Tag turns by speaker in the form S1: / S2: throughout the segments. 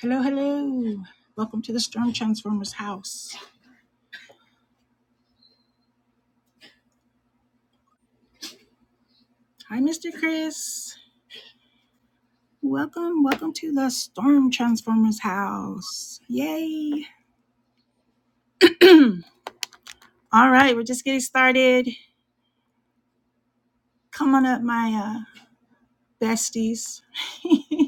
S1: Hello, hello. Welcome to the Storm Transformers house. Hi, Mr. Chris. Welcome, welcome to the Storm Transformers house. Yay. All right, we're just getting started. Come on up, my uh, besties.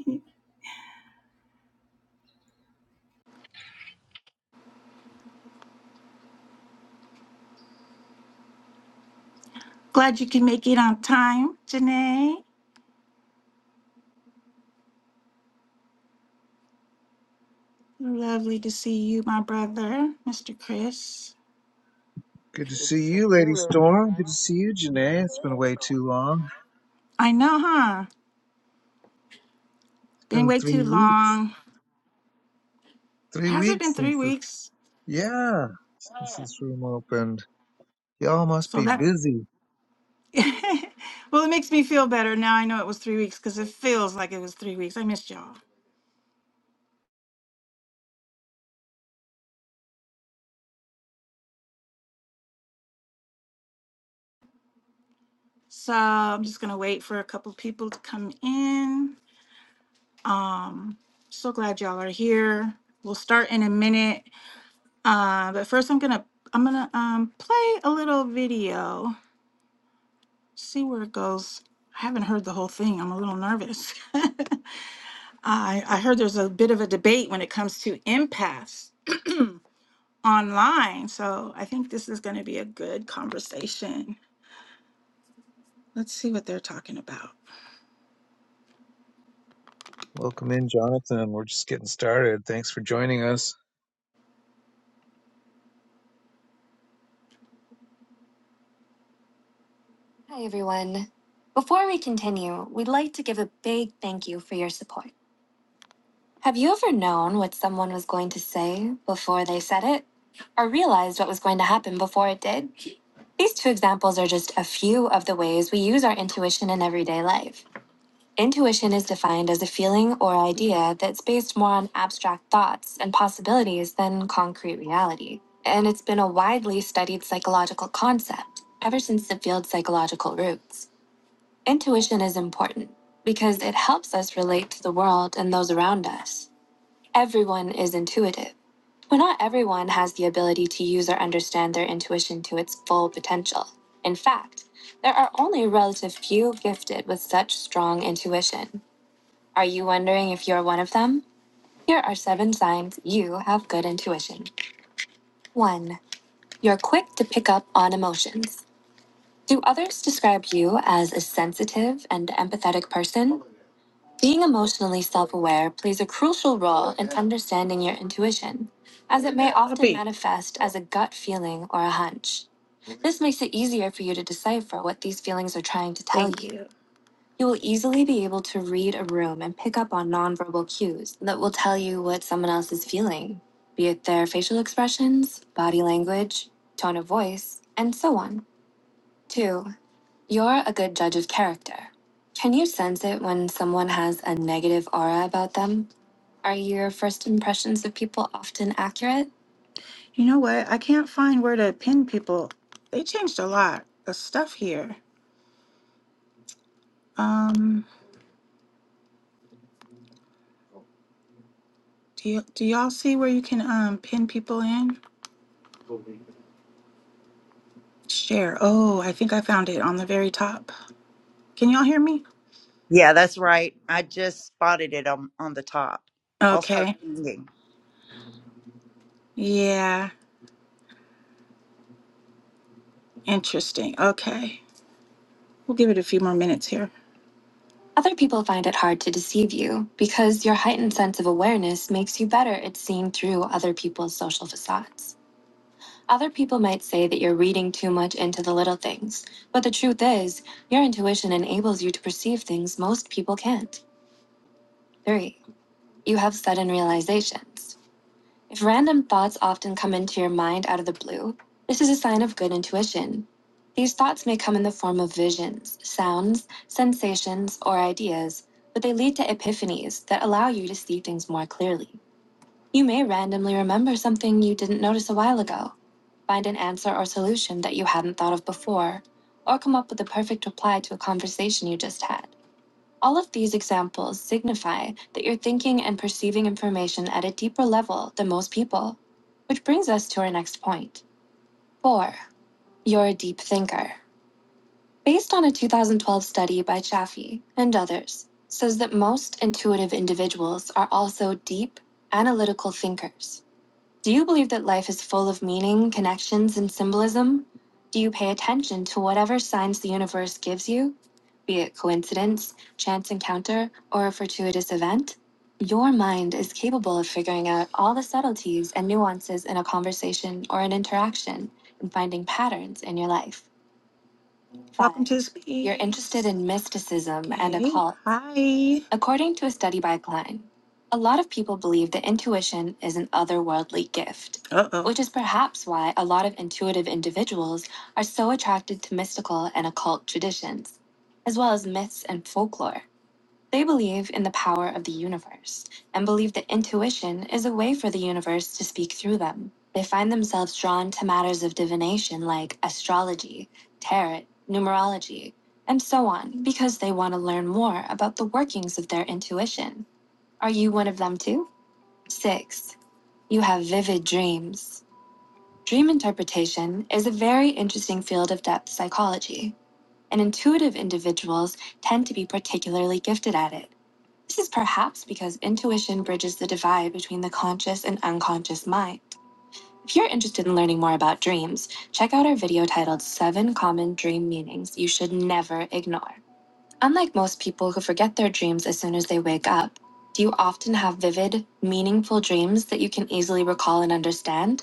S1: Glad you can make it on time, Janae. Lovely to see you, my brother, Mr. Chris.
S2: Good to see you, Lady Storm. Good to see you, Janae. It's been way too long.
S1: I know, huh?
S2: It's
S1: Been
S2: been
S1: way
S2: three
S1: too
S2: weeks.
S1: long.
S2: Three
S1: Has it been
S2: weeks
S1: three
S2: since this.
S1: weeks?
S2: Yeah, since this room opened. Y'all must
S1: So
S2: be
S1: that
S2: busy.
S1: well, it makes me feel better. Now I know it was three weeks because it feels like it was three weeks. I missed y'all. So I'm just going to wait for a couple people to come in. Um, so glad y'all are here. We'll start in a minute. Uh, but first I'm going to, I'm going to um, play a little video, see where it goes. I haven't heard the whole thing. I'm a little nervous. I, I heard there's a bit of a debate when it comes to empaths online. So I think this is going to be a good conversation. Let's see what they're talking about.
S2: Welcome in, Jonathan. We're just getting started. Thanks for joining us.
S1: Hi, everyone. Before we continue, we'd like to give a big thank you for your support. Have you ever known what someone was going to say before they said it? Or realized what was going to happen before it did? These two examples are just a few of the ways we use our intuition in everyday life. Intuition is defined as a feeling or idea that's based more on abstract thoughts and possibilities than concrete reality. And it's been a widely studied psychological concept ever since the field's psychological roots. Intuition is important because it helps us relate to the world and those around us. Everyone is intuitive, but not everyone has the ability to use or understand their intuition to its full potential. In fact, there are only a relative few gifted with such strong intuition. Are you wondering if you're one of them? Here are seven signs you have good intuition. 1. You're quick to pick up on emotions. Do others describe you as a sensitive and empathetic person? Being emotionally self aware plays a crucial role in understanding your intuition, as it may often manifest as a gut feeling or a hunch. This makes it easier for you to decipher what these feelings are trying to tell you. You will easily be able to read a room and pick up on nonverbal cues that will tell you what someone else is feeling, be it their facial expressions, body language, tone of voice, and so on. Two, you're a good judge of character. Can you sense it when someone has a negative aura about them? Are your first impressions of people often accurate? You know what? I can't find where to pin people. They changed a lot of stuff here. Um Do you, do y'all see where you can um pin people in? Share. Oh, I think I found it on the very top. Can y'all hear me?
S3: Yeah, that's right. I just spotted it on on the top. I'll start
S1: Okay.
S3: singing.
S1: Yeah. Interesting. Okay. We'll give it a few more minutes here. Other people find it hard to deceive you because your heightened sense of awareness makes you better at seeing through other people's social facades. Other people might say that you're reading too much into the little things, but the truth is, your intuition enables you to perceive things most people can't. 3. You have sudden realizations. If random thoughts often come into your mind out of the blue, this is a sign of good intuition. These thoughts may come in the form of visions, sounds, sensations, or ideas, but they lead to epiphanies that allow you to see things more clearly. You may randomly remember something you didn't notice a while ago, find an answer or solution that you hadn't thought of before, or come up with the perfect reply to a conversation you just had. All of these examples signify that you're thinking and perceiving information at a deeper level than most people, which brings us to our next point. 4. You're a deep thinker. Based on a 2012 study by Chaffee and others, says that most intuitive individuals are also deep, analytical thinkers. Do you believe that life is full of meaning, connections, and symbolism? Do you pay attention to whatever signs the universe gives you, be it coincidence, chance encounter, or a fortuitous event? Your mind is capable of figuring out all the subtleties and nuances in a conversation or an interaction and finding patterns in your life. Welcome to the speak. You're interested in mysticism and Okay. occult. Hi. According to a study by Klein, a lot of people believe that intuition is an otherworldly gift, Uh oh. which is perhaps why a lot of intuitive individuals are so attracted to mystical and occult traditions, as well as myths and folklore. They believe in the power of the universe and believe that intuition is a way for the universe to speak through them. They find themselves drawn to matters of divination like astrology, tarot, numerology, and so on because they want to learn more about the workings of their intuition. Are you one of them too? Six, you have vivid dreams. Dream interpretation is a very interesting field of depth psychology, and intuitive individuals tend to be particularly gifted at it. This is perhaps because intuition bridges the divide between the conscious and unconscious mind. If you're interested in learning more about dreams, check out our video titled Seven Common Dream Meanings You Should Never Ignore. Unlike most people who forget their dreams as soon as they wake up, do you often have vivid, meaningful dreams that you can easily recall and understand?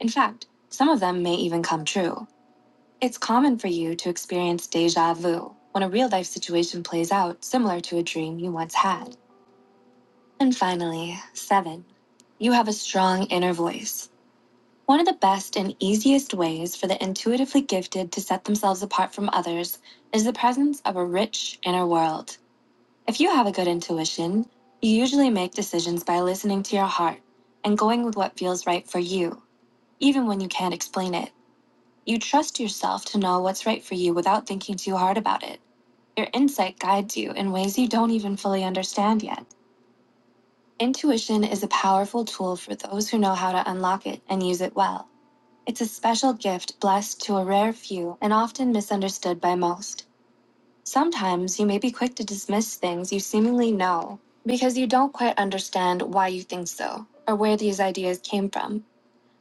S1: In fact, some of them may even come true. It's common for you to experience deja vu when a real life situation plays out similar to a dream you once had. And finally, seven, you have a strong inner voice. One of the best and easiest ways for the intuitively gifted to set themselves apart from others is the presence of a rich inner world. If you have a good intuition, you usually make decisions by listening to your heart and going with what feels right for you, even when you can't explain it. You trust yourself to know what's right for you without thinking too hard about it. Your insight guides you in ways you don't even fully understand yet. Intuition is a powerful tool for those who know how to unlock it and use it well. It's a special gift blessed to a rare few and often misunderstood by most. Sometimes you may be quick to dismiss things you seemingly know because you don't quite understand why you think so or where these ideas came from.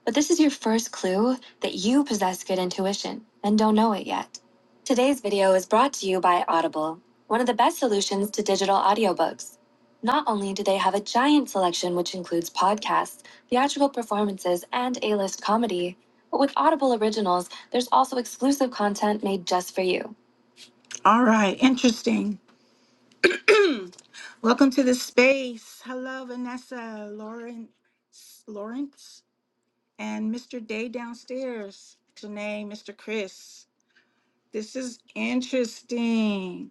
S1: But this is your first clue that you possess good intuition and don't know it yet. Today's video is brought to you by Audible, one of the best solutions to digital audiobooks. Not only do they have a giant selection which includes podcasts, theatrical performances, and A-list comedy, but with Audible originals, there's also exclusive content made just for you. All right, interesting. Welcome to the space. Hello, Vanessa, Lauren, Lawrence. and Mr. Day downstairs, Janae, Mr. Chris. This is interesting,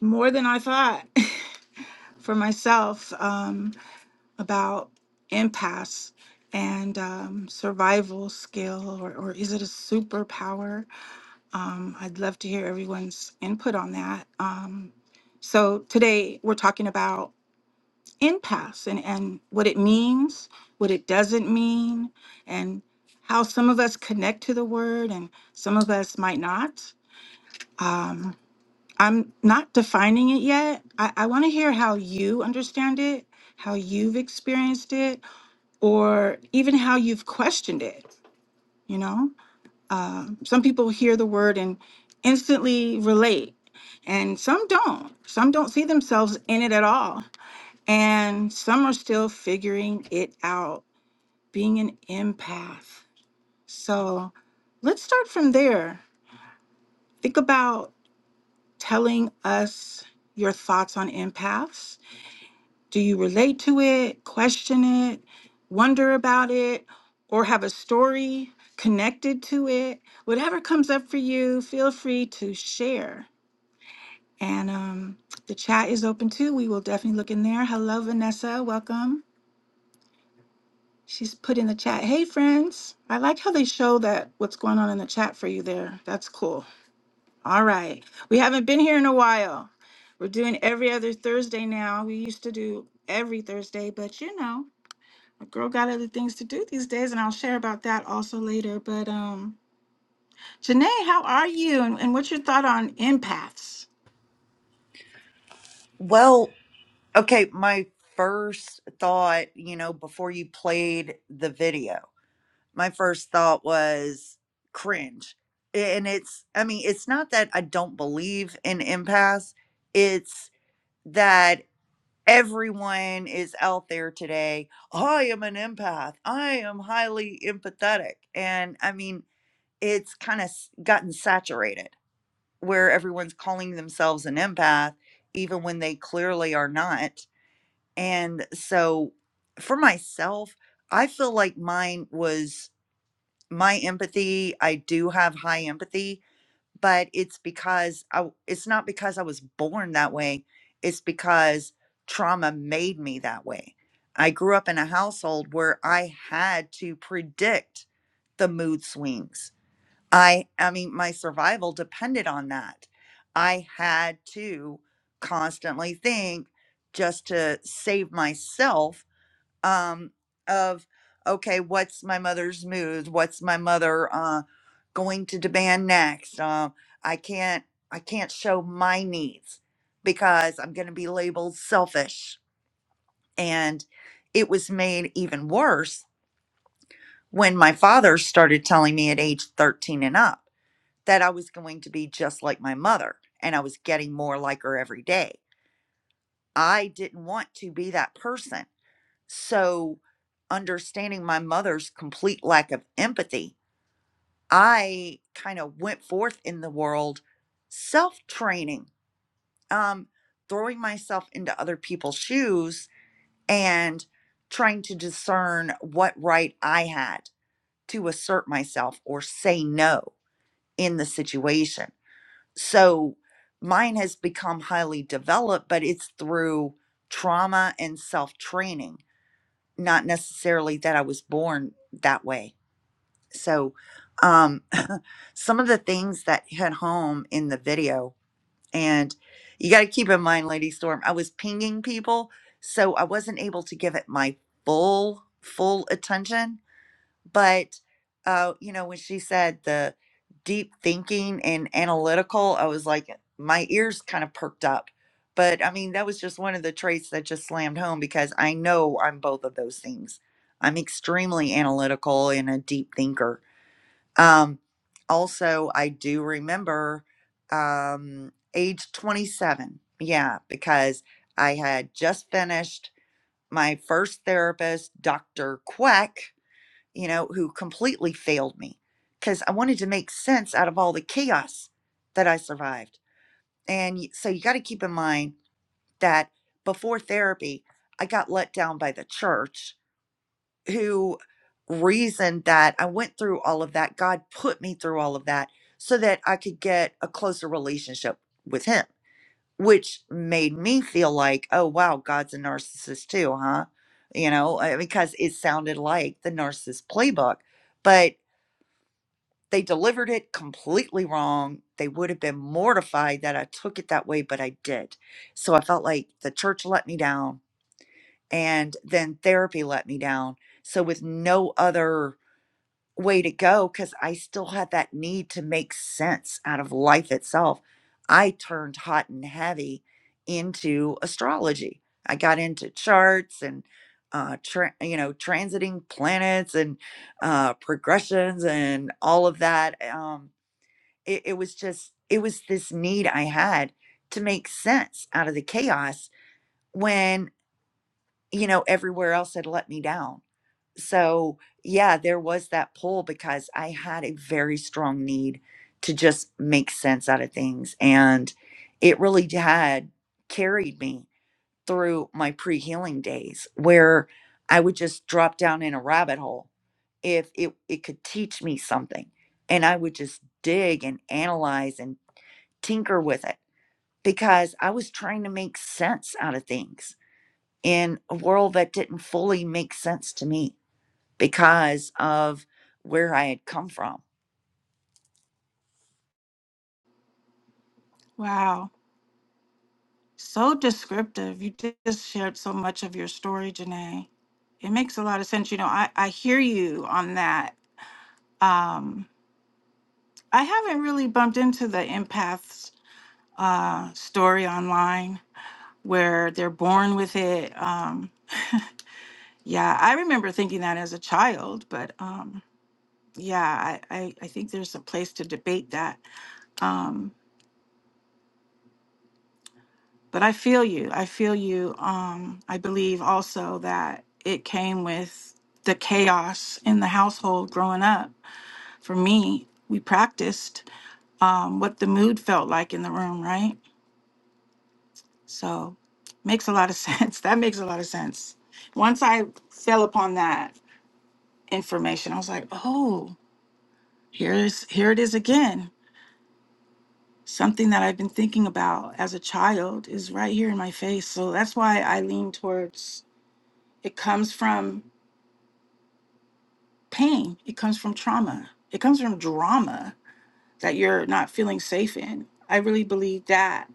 S1: more than I thought for myself um, about impasse and um, survival skill, or, or is it a superpower? Um, I'd love to hear everyone's input on that. Um, so today we're talking about impasse and, and what it means, what it doesn't mean, and how some of us connect to the word and some of us might not. Um, I'm not defining it yet. I, I want to hear how you understand it, how you've experienced it, or even how you've questioned it. You know, uh, some people hear the word and instantly relate, and some don't. Some don't see themselves in it at all and some are still figuring it out, being an empath. So let's start from there. Think about telling us your thoughts on empaths. Do you relate to it, question it, wonder about it, or have a story connected to it? Whatever comes up for you, feel free to share. And um, the chat is open too. We will definitely look in there. Hello, Vanessa. Welcome. She's put in the chat, hey friends. I like how they show that what's going on in the chat for you there. That's cool. All right. We haven't been here in a while. We're doing every other Thursday now. We used to do every Thursday, but you know, a girl got other things to do these days, and I'll share about that also later. But um Janae, how are you? And, and what's your thought on empaths?
S3: Well, okay, my first thought, you know, before you played the video, my first thought was cringe. And it's I mean, it's not that I don't believe in impasse, it's that everyone is out there today. I am an empath. I am highly empathetic. And I mean, it's kind of gotten saturated where everyone's calling themselves an empath, even when they clearly are not. And so for myself, I feel like mine was my empathy. I do have high empathy, but it's because I, w- it's not because I was born that way. It's because trauma made me that way. I grew up in a household where I had to predict the mood swings. I I mean my survival depended on that. I had to constantly think just to save myself um of okay, what's my mother's mood? What's my mother uh going to demand next? Um I can't I can't show my needs because I'm going to be labeled selfish. And it was made even worse when my father started telling me at age 13 and up that I was going to be just like my mother and I was getting more like her every day. I didn't want to be that person. So, understanding my mother's complete lack of empathy, I kind of went forth in the world self training, um, throwing myself into other people's shoes and trying to discern what right I had to assert myself or say no in the situation so mine has become highly developed but it's through trauma and self training not necessarily that i was born that way so um some of the things that hit home in the video and you got to keep in mind lady storm i was pinging people so i wasn't able to give it my full full attention but uh you know when she said the deep thinking and analytical i was like my ears kind of perked up but i mean that was just one of the traits that just slammed home because i know i'm both of those things i'm extremely analytical and a deep thinker um also i do remember um age 27 yeah because i had just finished my first therapist dr queck you know, who completely failed me because I wanted to make sense out of all the chaos that I survived. And y- so you got to keep in mind that before therapy, I got let down by the church who reasoned that I went through all of that. God put me through all of that so that I could get a closer relationship with Him, which made me feel like, oh, wow, God's a narcissist too, huh? You know, uh, because it sounded like the narcissist playbook. But They delivered it completely wrong. They would have been mortified that I took it that way, but I did. So I felt like the church let me down and then therapy let me down. So, with no other way to go, because I still had that need to make sense out of life itself, I turned hot and heavy into astrology. I got into charts and uh, tra- you know, transiting planets and uh, progressions and all of that. Um, it, it was just it was this need i had to make sense out of the chaos when you know everywhere else had let me down so yeah there was that pull because i had a very strong need to just make sense out of things and it really had carried me through my pre-healing days where i would just drop down in a rabbit hole if it, it could teach me something and i would just dig and analyze and tinker with it because I was trying to make sense out of things in a world that didn't fully make sense to me because of where I had come from.
S1: Wow. So descriptive. You just shared so much of your story, Janae. It makes a lot of sense. You know, I, I hear you on that Um, I haven't really bumped into the empaths uh, story online where they're born with it. Um, yeah, I remember thinking that as a child, but um, yeah, I, I, I think there's a place to debate that. Um, but I feel you. I feel you. Um, I believe also that it came with the chaos in the household growing up. For me, we practiced um, what the mood felt like in the room, right? So makes a lot of sense. That makes a lot of sense. Once I fell upon that information, I was like, oh, here's here it is again. Something that I've been thinking about as a child is right here in my face. So that's why I lean towards it comes from pain. It comes from trauma. It comes from drama that you're not feeling safe in. I really believe that.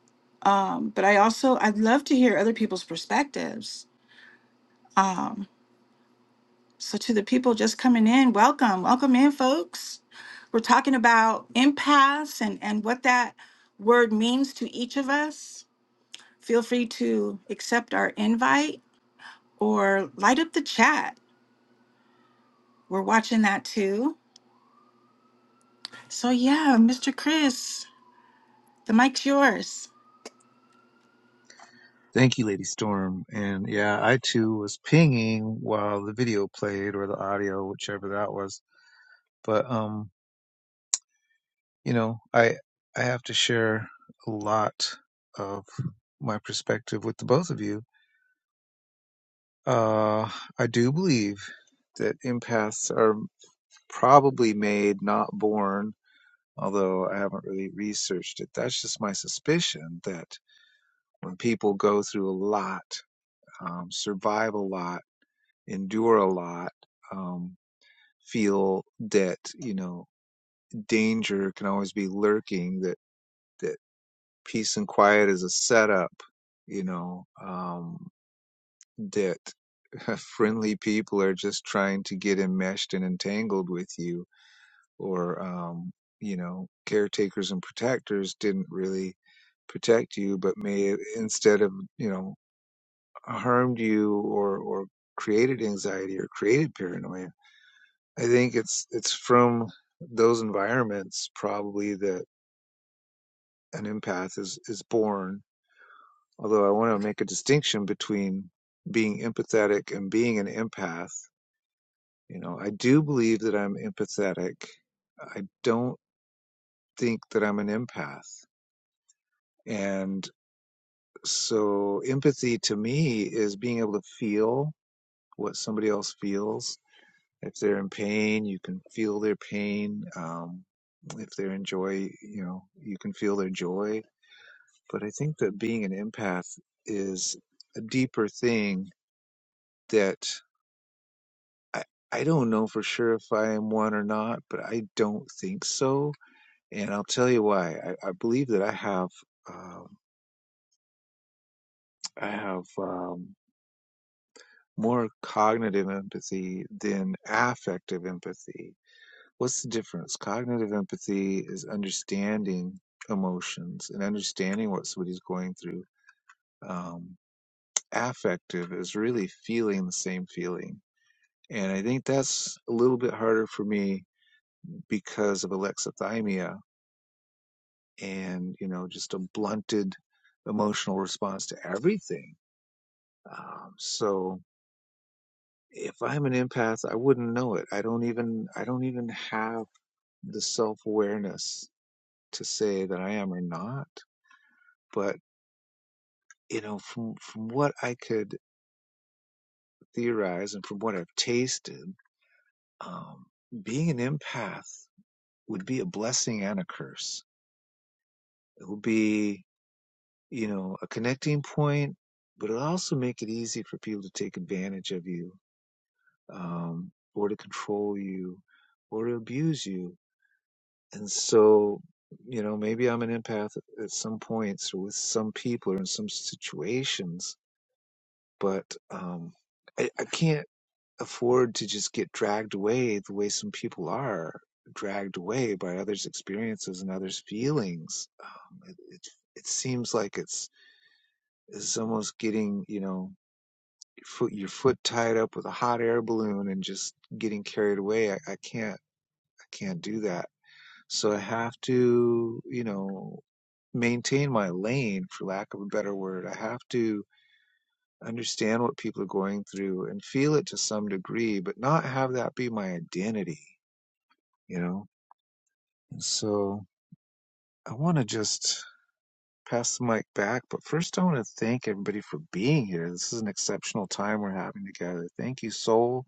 S1: Um, but I also I'd love to hear other people's perspectives Um, So, to the people just coming in, welcome. Welcome in, folks. We're talking about impasse and, and what that word means to each of us. Feel free to accept our invite or light up the chat. We're watching that too. So, yeah, Mr. Chris, the mic's yours.
S2: Thank you, Lady Storm. And yeah, I too was pinging while the video played or the audio, whichever that was. But um, you know, I I have to share a lot of my perspective with the both of you Uh, I do believe that empaths are probably made, not born, although I haven't really researched it. That's just my suspicion that when people go through a lot, um, survive a lot, endure a lot, um, feel that, you know, danger can always be lurking, that, that peace and quiet is a setup, you know. um, That Friendly people are just trying to get enmeshed and entangled with you, or, um, you know, caretakers and protectors didn't really protect you, but may have- instead of, you know, harmed you or, or created anxiety or created paranoia. I think it's, it's from those environments probably that an empath is, is born. Although I want to make a distinction between being empathetic and being an empath You know, I do believe that I'm empathetic. I don't think that I'm an empath. And so empathy to me is being able to feel what somebody else feels. If they're in pain, you can feel their pain. Um, if they're in joy, you know, you can feel their joy. But I think that being an empath is a deeper thing that I, I don't know for sure if I am one or not, but I don't think so and I'll tell you why. I, I believe that I have um, I have um, more cognitive empathy than affective empathy. What's the difference? Cognitive empathy is understanding emotions and understanding what somebody's going through. Um, affective is really feeling the same feeling. And I think that's a little bit harder for me because of alexithymia and, you know, just a blunted emotional response to everything Um, so if I'm an empath, I wouldn't know it. I don't even I don't even have the self-awareness to say that I am or not. But you know, from from what I could theorize and from what I've tasted, um, being an empath would be a blessing and a curse. It would be, you know, a connecting point, but it'll also make it easy for people to take advantage of you, um, or to control you, or to abuse you And so, you know, maybe I'm an empath at some points or with some people or in some situations, but um, I, I can't afford to just get dragged away the way some people are dragged away by others' experiences and others' feelings. Um, it, it, it seems like it's, it's almost getting, you know, your foot, your foot tied up with a hot air balloon and just getting carried away. I, I can't, I can't do that. So I have to, you know, maintain my lane, for lack of a better word. I have to understand what people are going through and feel it to some degree, but not have that be my identity, you know? And so I want to just pass the mic back, but first I want to thank everybody for being here. This is an exceptional time we're having together. Thank you, Soul.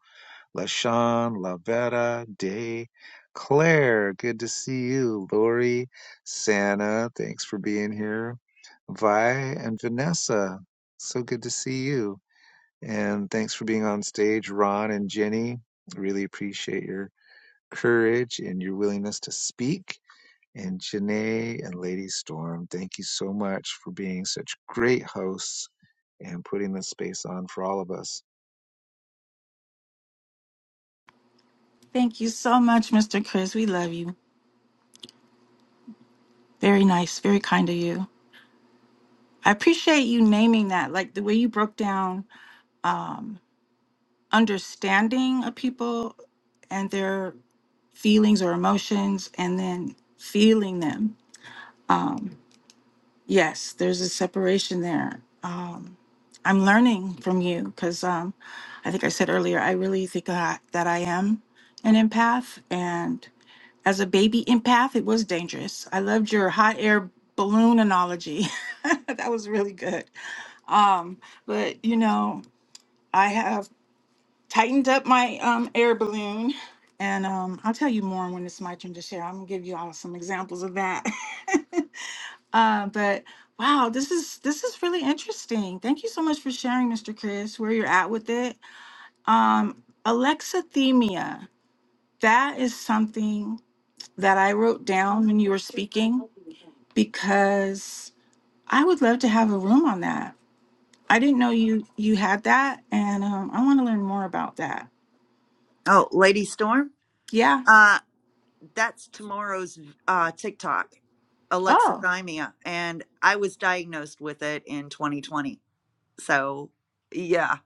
S2: LaShawn, Lavera, Day, Claire, good to see you. Lori, Santa, thanks for being here. Vi and Vanessa, so good to see you. And thanks for being on stage, Ron and Jenny. Really appreciate your courage and your willingness to speak. And Janae and Lady Storm, thank you so much for being such great hosts and putting this space on for all of us.
S1: Thank you so much, Mr. Chris. We love you. Very nice, very kind of you. I appreciate you naming that, like the way you broke down um, understanding of people and their feelings or emotions and then feeling them. Um, yes, there's a separation there. Um, I'm learning from you because um, I think I said earlier, I really think that, that I am an empath. And as a baby empath, it was dangerous. I loved your hot air balloon analogy. that was really good. Um, but, you know, I have tightened up my um, air balloon. And um, I'll tell you more when it's my turn to share. I'm gonna give you all some examples of that. uh, but wow, this is this is really interesting. Thank you so much for sharing, Mr. Chris, where you're at with it. Um, alexithymia. That is something that I wrote down when you were speaking because I would love to have a room on that. I didn't know you you had that, and um, I want to learn more about that.
S3: Oh, Lady Storm,
S1: Yeah.
S3: uh, that's tomorrow's uh, TikTok,
S1: Oh.
S3: alexithymia. And I was diagnosed with it in 2020. So, yeah.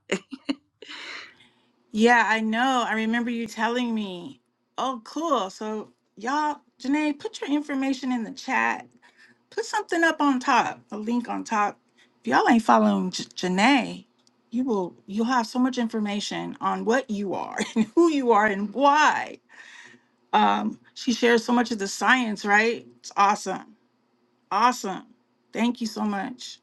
S1: Yeah, I know. I remember you telling me. Oh, cool. So, y'all, Janae, put your information in the chat. Put something up on top, a link on top. If y'all ain't following J- Janae, you will you'll have so much information on what you are and who you are and why. Um, she shares so much of the science, right? It's awesome. Awesome. Thank you so much.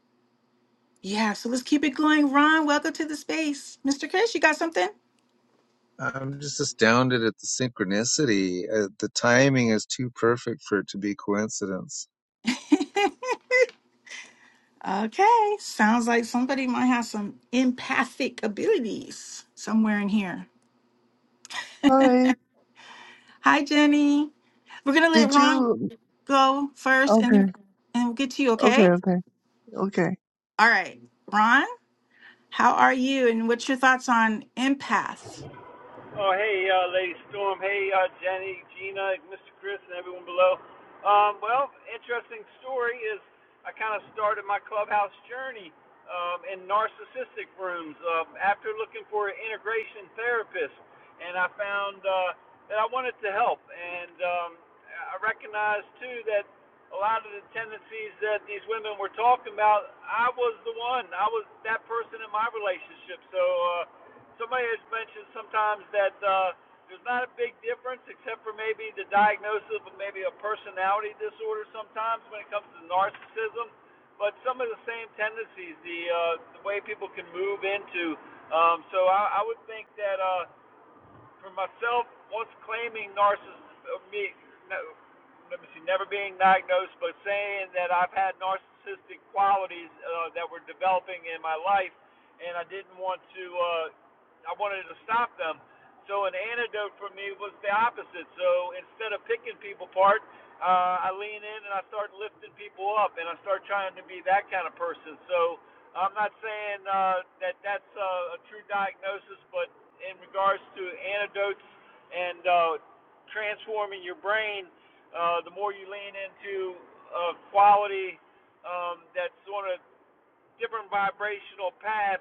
S1: Yeah, so let's keep it going. Ron, welcome to the space. Mr. Chris, you got something?
S2: I'm just astounded at the synchronicity. Uh, the timing is too perfect for it to be coincidence.
S1: Okay, sounds like somebody might have some empathic abilities somewhere in here.
S4: Hi.
S1: Hi, Jenny. We're gonna let
S4: Did
S1: Ron
S4: you?
S1: go first, and
S4: Okay.
S1: and we'll get to you.
S4: Okay.
S1: Okay.
S4: Okay. Okay.
S1: All right, Ron. How are you? And what's your thoughts on empath?
S5: Oh, hey, uh, Lady Storm. Hey, uh, Jenny, Gina, Mr. Chris, and everyone below. Um, well, interesting story is I kind of started my clubhouse journey um, in narcissistic rooms um, after looking for an integration therapist, and I found uh, that I wanted to help, and um, I recognized too that a lot of the tendencies that these women were talking about, I was the one. I was that person in my relationship, so. Uh, somebody has mentioned sometimes that uh, there's not a big difference except for maybe the diagnosis of maybe a personality disorder sometimes when it comes to narcissism, but some of the same tendencies, the uh, the way people can move into. Um, so I, I would think that uh, for myself, once claiming narcissism, uh, me, no, let me see, never being diagnosed, but saying that I've had narcissistic qualities uh, that were developing in my life, and I didn't want to, uh, I wanted to stop them. So an antidote for me was the opposite. So instead of picking people apart, uh, I lean in and I start lifting people up, and I start trying to be that kind of person. So I'm not saying uh, that that's uh, a true diagnosis, but in regards to antidotes and uh, transforming your brain, uh, the more you lean into a quality um, that's on a different vibrational path,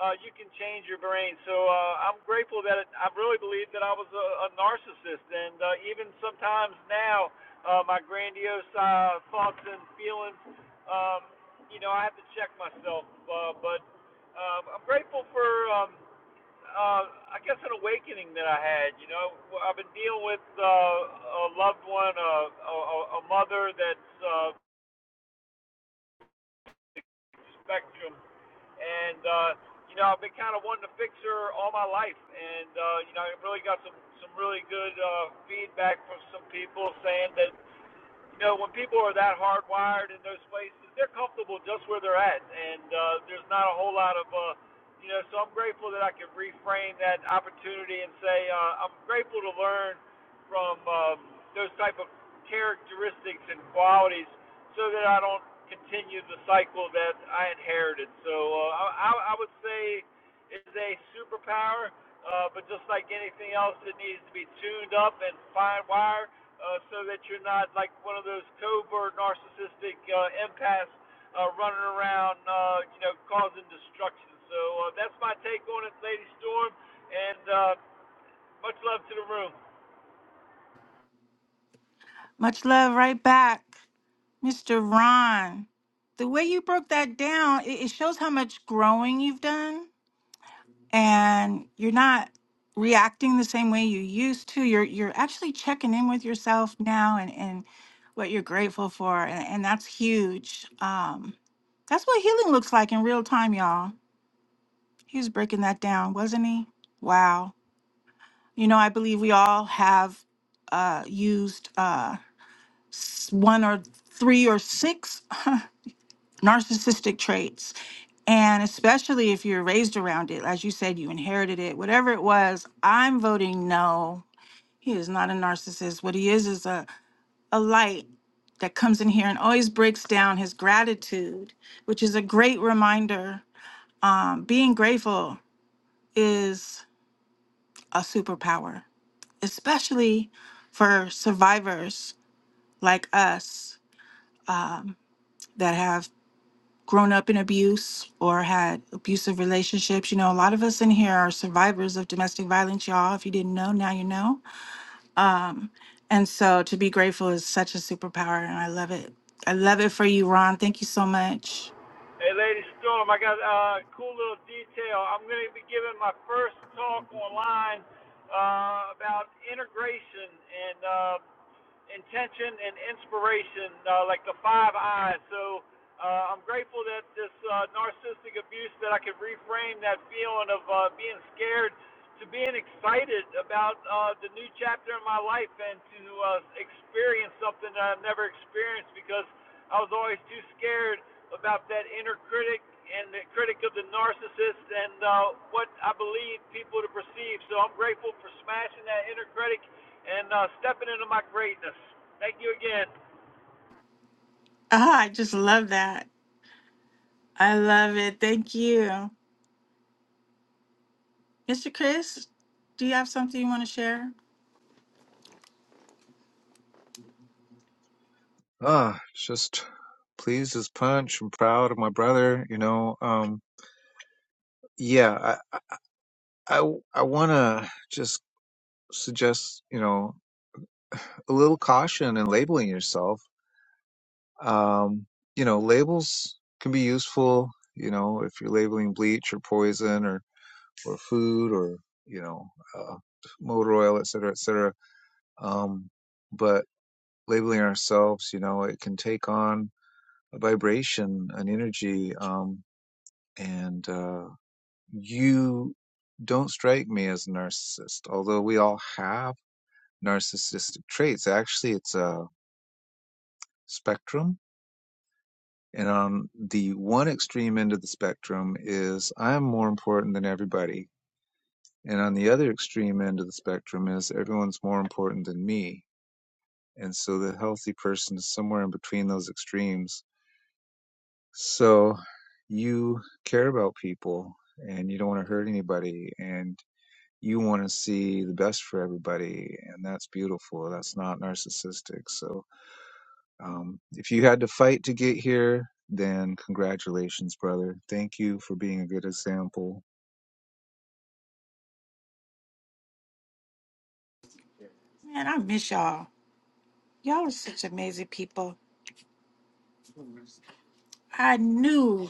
S5: uh, you can change your brain. So uh, I'm grateful that it, I really believe that I was a, a narcissist, and uh, even sometimes now, uh, my grandiose uh, thoughts and feelings, um, you know, I have to check myself. Uh, but um, I'm grateful for. Um, uh, I guess an awakening that I had. You know, I've been dealing with uh, a loved one, a, a, a mother that's uh, spectrum, and uh, you know, I've been kind of wanting to fix her all my life, and uh, you know, I really got some some really good uh, feedback from some people saying that you know, when people are that hardwired in those places, they're comfortable just where they're at, and uh, there's not a whole lot of, uh, you know. So I'm grateful that I can reframe that opportunity and say uh, I'm grateful to learn from um, those type of characteristics and qualities, so that I don't continue the cycle that I inherited. So uh, I, I would say it's a superpower. Uh, but just like anything else, it needs to be tuned up and fine wired uh, so that you're not like one of those covert narcissistic uh, empaths uh, running around, uh, you know, causing destruction. So uh, that's my take on it, Lady Storm, and uh, much love to the room.
S1: Much love, right back, Mr. Ron. The way you broke that down, it, it shows how much growing you've done and you're not reacting the same way you used to you're you're actually checking in with yourself now and and what you're grateful for and, and that's huge um that's what healing looks like in real time y'all he was breaking that down wasn't he wow you know i believe we all have uh used uh s- one or three or six narcissistic traits And especially if you're raised around it, as you said, you inherited it, whatever it was, I'm voting no. He is not a narcissist. What he is is a, a light that comes in here and always breaks down his gratitude, which is a great reminder. Um, being grateful is a superpower, especially for survivors like us um, that have grown up in abuse or had abusive relationships. You know, a lot of us in here are survivors of domestic violence, y'all. If you didn't know, now you know. Um, and so to be grateful is such a superpower, and I love it. I love it for you, Ron. Thank you so much.
S5: Hey, Lady Storm, I got uh, a cool little detail. I'm going to be giving my first talk online uh, about integration, and uh, intention and inspiration, uh, like the five eyes. So uh, I'm grateful that this uh, narcissistic abuse that I could reframe that feeling of uh, being scared to being excited about uh, the new chapter in my life and to uh, experience something that I've never experienced because I was always too scared about that inner critic and the critic of the narcissist and uh, what I believe people to perceive. So I'm grateful for smashing that inner critic and uh, stepping into my greatness. Thank you again.
S1: Ah, I just love that. I love it. Thank you. Mr. Chris, do you have something you want to share?
S2: Ah, just pleased as punch. I'm proud of my brother. You know, um, yeah, I, I, I want to just suggest, you know, a little caution in labeling yourself. Um, you know, labels can be useful. You know, if you're labeling bleach or poison or or food or you know uh, motor oil, et cetera, et cetera. Um, but labeling ourselves, you know, it can take on a vibration, an energy, um, and uh, you don't strike me as a narcissist, although we all have narcissistic traits. Actually, it's a spectrum. And on the one extreme end of the spectrum is I'm more important than everybody. And on the other extreme end of the spectrum is everyone's more important than me. And so the healthy person is somewhere in between those extremes So you care about people and you don't want to hurt anybody and you want to see the best for everybody and that's beautiful. That's not narcissistic. So um, if you had to fight to get here, then congratulations, brother. Thank you for being a good example.
S1: Man, I miss y'all. Y'all are such amazing people. I knew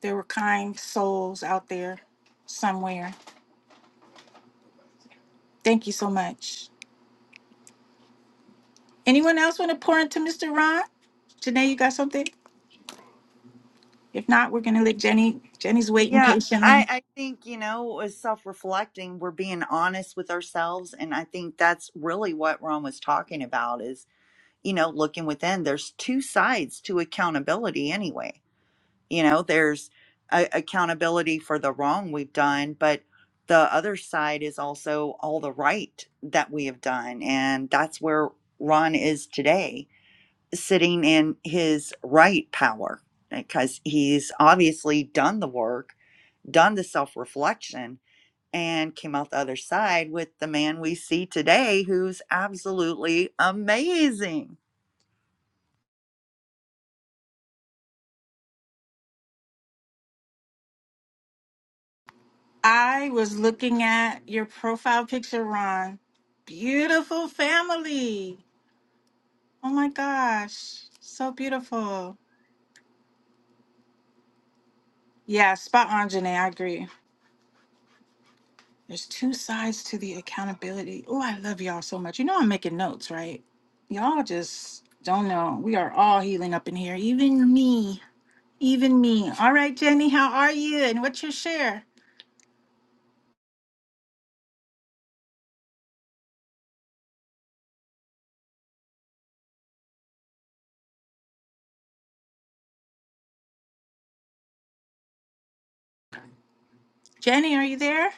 S1: there were kind souls out there somewhere. Thank you so much. Anyone else want to pour into Mr. Ron? Janae, you got something? If not, we're gonna let Jenny. Jenny's waiting
S3: Yeah. I,
S1: patiently.
S3: I think, you know, self reflecting, we're being honest with ourselves. And I think that's really what Ron was talking about is you know, looking within, there's two sides to accountability anyway. You know, there's a- accountability for the wrong we've done, but the other side is also all the right that we have done. And that's where Ron is today, sitting in his right power because he's obviously done the work, done the self reflection, and came out the other side with the man we see today who's absolutely amazing
S1: I was looking at your profile picture, Ron. Beautiful family. Oh my gosh. So beautiful. Yeah, spot on, Janae. I agree. There's two sides to the accountability. Oh, I love y'all so much. You know I'm making notes, right? Y'all just don't know. We are all healing up in here, even me. Even me. All right, Jenny, how are you? And what's your share? Jenny, are you there?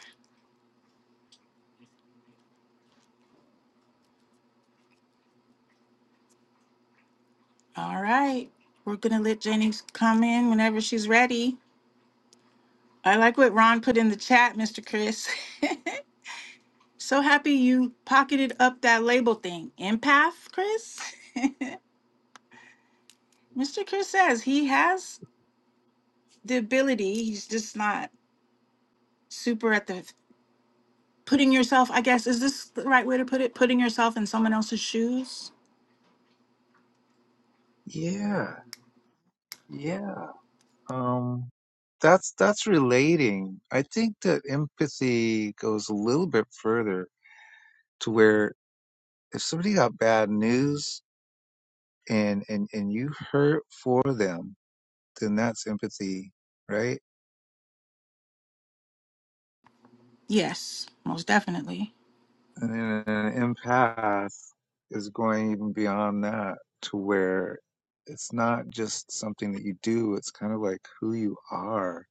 S1: All right. We're going to let Jenny come in whenever she's ready. I like what Ron put in the chat, Mr. Chris. so happy you pocketed up that label thing. Empath, Chris? Mr. Chris says he has the ability, he's just not super at the putting yourself, I guess, is this the right way to put it? Putting yourself in someone else's shoes?
S2: Yeah, yeah. Um, that's that's relating. I think that empathy goes a little bit further to where if somebody got bad news and and and you hurt for them, then that's empathy, right?
S1: Yes, most definitely.
S2: And then an empath is going even beyond that to where it's not just something that you do, it's kind of like who you are.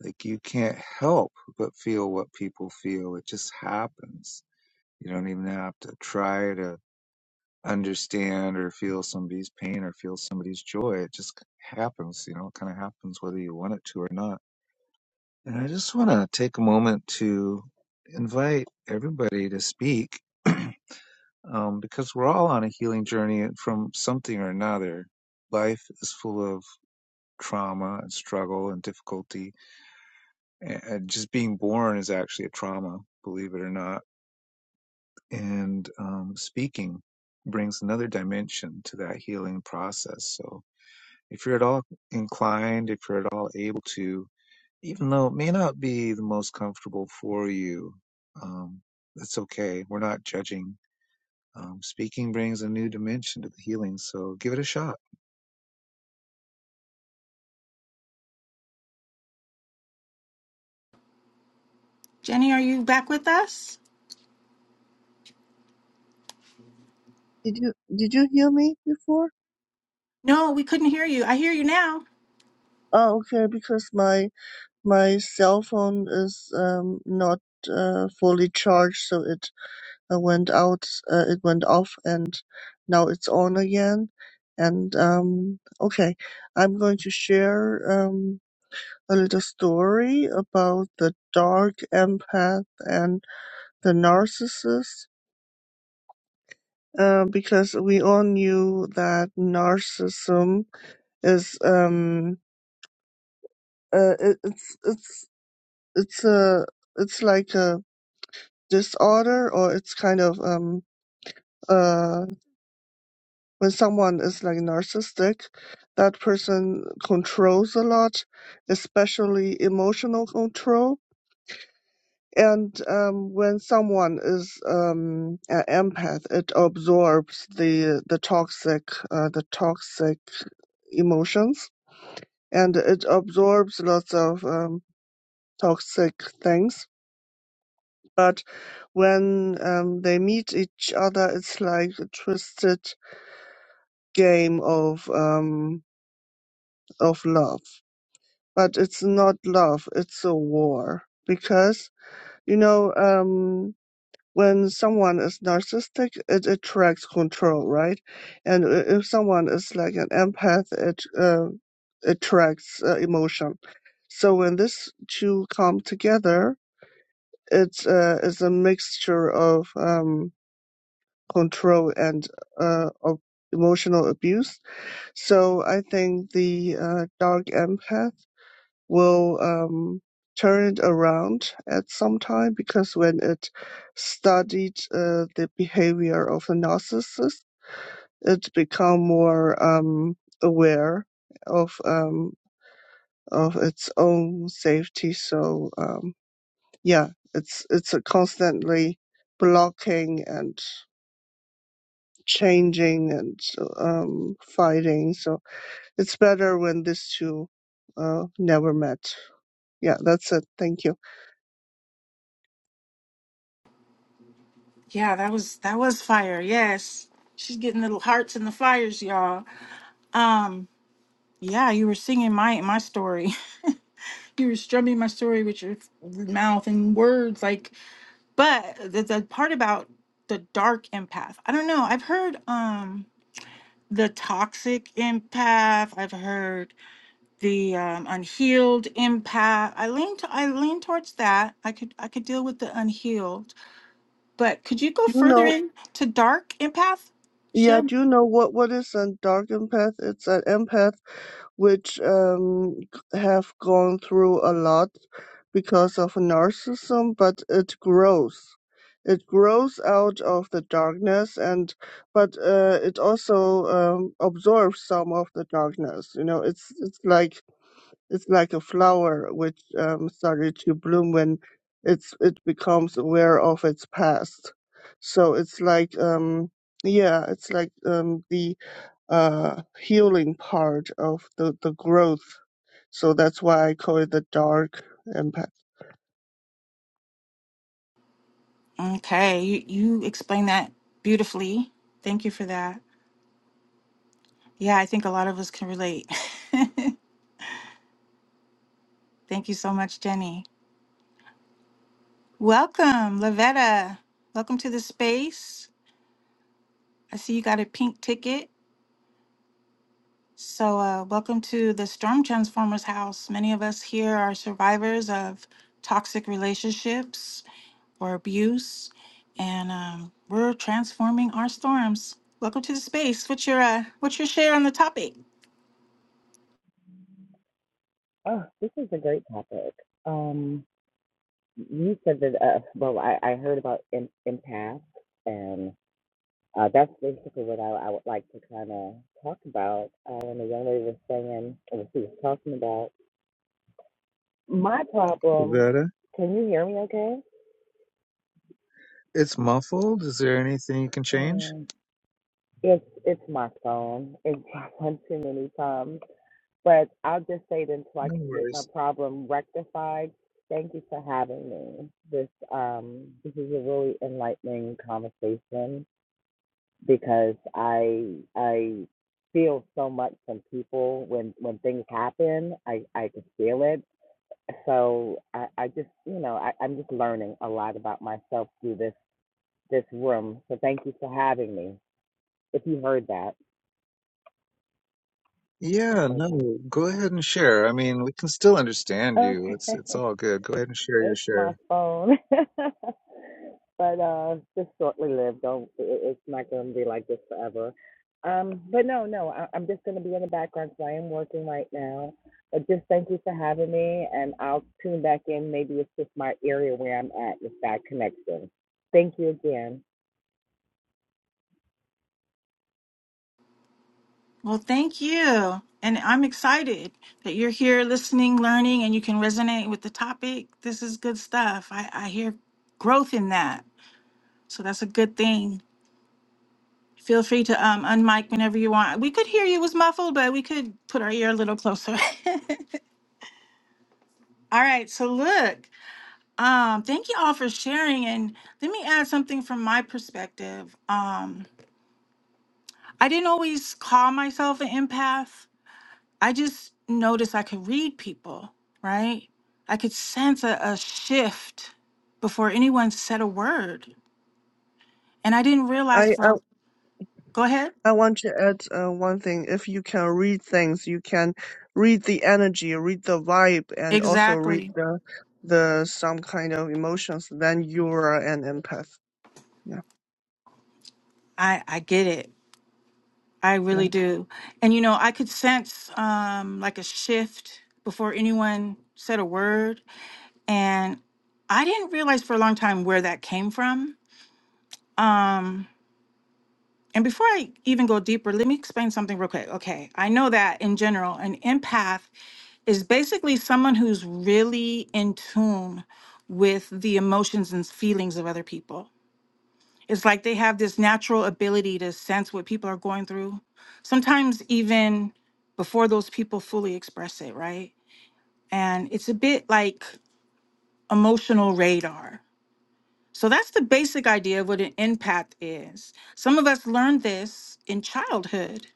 S2: Like you can't help but feel what people feel. It just happens. You don't even have to try to understand or feel somebody's pain or feel somebody's joy. It just happens, you know, it kind of happens whether you want it to or not And I just want to take a moment to invite everybody to speak um, because we're all on a healing journey from something or another. Life is full of trauma and struggle and difficulty. And just being born is actually a trauma, believe it or not. And um, speaking brings another dimension to that healing process. So if you're at all inclined, if you're at all able to, even though it may not be the most comfortable for you, um, that's okay. We're not judging. Um, speaking brings a new dimension to the healing, so give it a shot.
S1: Jenny, are you back with us?
S4: Did you? Did you hear me before?
S1: No, we couldn't hear you. I hear you now.
S4: Oh, okay. Because my my cell phone is um not uh fully charged, so it uh, went out. Uh, it went off, and now it's on again. And um okay, I'm going to share um a little story about the dark empath and the narcissist uh, because we all knew that narcissism is um uh, it, it's it's it's a it's like a disorder or it's kind of um uh when someone is like narcissistic that person controls a lot especially emotional control and um, when someone is um, an empath it absorbs the the toxic uh, the toxic emotions and it absorbs lots of um, toxic things. But when um, they meet each other, it's like a twisted game of um, of love. But it's not love; it's a war because you know um, when someone is narcissistic, it attracts control, right? And i- if someone is like an empath, it uh, attracts uh, emotion. So when these two come together, it's uh, it's a mixture of um, control and uh, of emotional abuse. So I think the uh, dark empath will um, turn it around at some time because when it studied uh, the behavior of a narcissist, it become more um, aware of um, of its own safety. So. Um, yeah, it's it's a constantly blocking and changing and um, fighting. So it's better when these two uh, never met. Yeah, that's it. Thank you.
S1: Yeah, that was that was fire. Yes. She's getting little hearts in the fires, y'all. Um, yeah, you were singing my my story. you were strumming my story with your mouth and words like but the, the part about the dark empath. I don't know. I've heard um the toxic empath. I've heard the um, unhealed impact. I lean to, I lean towards that. I could I could deal with the unhealed, but could you go
S4: Do you
S1: further
S4: know?
S1: in to dark empath?
S4: Yeah,
S1: Sure.
S4: do you know what what is an dark empath? It's an empath which um, have gone through a lot because of narcissism, but it grows. It grows out of the darkness, and but uh, it also um, absorbs some of the darkness. You know, it's it's like it's like a flower which um, started to bloom when it's it becomes aware of its past. So it's like um, yeah, it's like um, the uh, healing part of the, the growth. So that's why I call it the dark impact.
S1: Okay, you you explained that beautifully. Thank you for that. Yeah, I think a lot of us can relate. Thank you so much, Jenny. Welcome, Lavetta. Welcome to the space. I see you got a pink ticket. So, uh, welcome to the Storm Transformers house. Many of us here are survivors of toxic relationships or abuse, and um, we're transforming our storms. Welcome to the space. What's your uh, what's your share on the topic?
S6: Oh, this is a great topic. Um, you said that, uh, well, I, I heard about em- empaths, and uh, that's basically what I, I would like to kind of talk about. Uh, when the young lady was saying, or she was talking about, my problem,
S2: Loretta,
S6: can you hear me okay?
S2: it's muffled. Is there anything you can change?
S6: Um, it's, it's my phone. It's my too many times. But I'll just say it until I
S2: No
S6: can get my
S2: worries.
S6: problem rectified. Thank you for having me. This um this is a really enlightening conversation because I I feel so much from people when when things happen. I I can feel it. So I I just you know I, I'm just learning a lot about myself through this this room. So thank you for having me. If you heard that,
S2: Yeah, no,
S6: okay,
S2: go ahead and share. I mean, we can still understand you. It's
S6: okay.
S2: it's all good. Go ahead and share your
S6: It's my
S2: share.
S6: phone. but uh just shortly lived. Don't it, it's not gonna be like this forever. Um, but no, no, I, I'm just gonna be in the background because I am working right now. But just thank you for having me, and I'll tune back in. Maybe it's just my area where I'm at, with bad connection. Thank you again.
S1: Well, thank you, and I'm excited that you're here listening, learning, and you can resonate with the topic. This is good stuff. I, I hear growth in that, so that's a good thing. Feel free to um, unmic whenever you want. We could hear you. It was muffled, but we could put our ear a little closer. all right. So look, um, thank you all for sharing. And let me add something from my perspective. Um, I didn't always call myself an empath. I just noticed I could read people, right? I could sense a, a shift before anyone said a word. And I didn't
S4: I,
S1: realize for
S4: I,
S1: go ahead.
S4: I want to add uh, one thing. If you can read things, you can read the energy, read the vibe, and also read
S1: Exactly.
S4: the the some kind of emotions. Then you are an empath. Yeah,
S1: I, I get it. I
S4: yeah.
S1: really do. And you know, I could sense um like a shift before anyone said a word and I didn't realize for a long time where that came from. Um and before I even go deeper, let me explain something real quick. Okay, I know that in general, an empath is basically someone who's really in tune with the emotions and feelings of other people. It's like they have this natural ability to sense what people are going through, sometimes even before those people fully express it, right? And it's a bit like emotional radar. So that's the basic idea of what an empath is. Some of us learned this in childhood.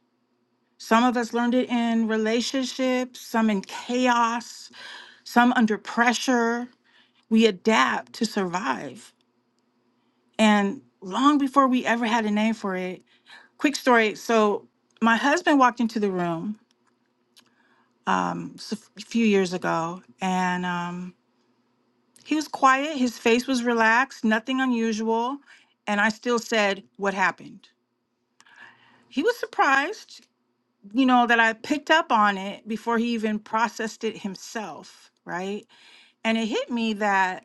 S1: Some of us learned it in relationships, some in chaos, some under pressure. We adapt to survive. And long before we ever had a name for it, quick story. So my husband walked into the room um, s- a few years ago, and um, he was quiet. His face was relaxed, nothing unusual. And I still said, "What happened?" He was surprised, you know, that I picked up on it before he even processed it himself, right? And it hit me that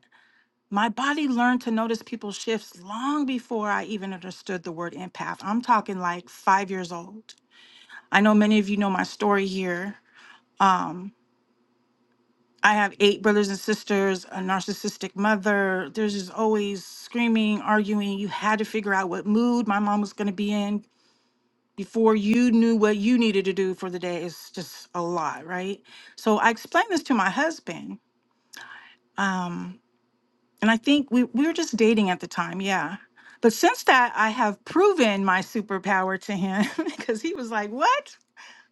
S1: my body learned to notice people's shifts long before I even understood the word empath. I'm talking like five years old. I know many of you know my story here Um, I have eight brothers and sisters, a narcissistic mother. There's just always screaming, arguing. You had to figure out what mood my mom was going to be in before you knew what you needed to do for the day. It's just a lot, right? So I explained this to my husband. Um, and I think we, we were just dating at the time. Yeah. But since that, I have proven my superpower to him because he was like, What?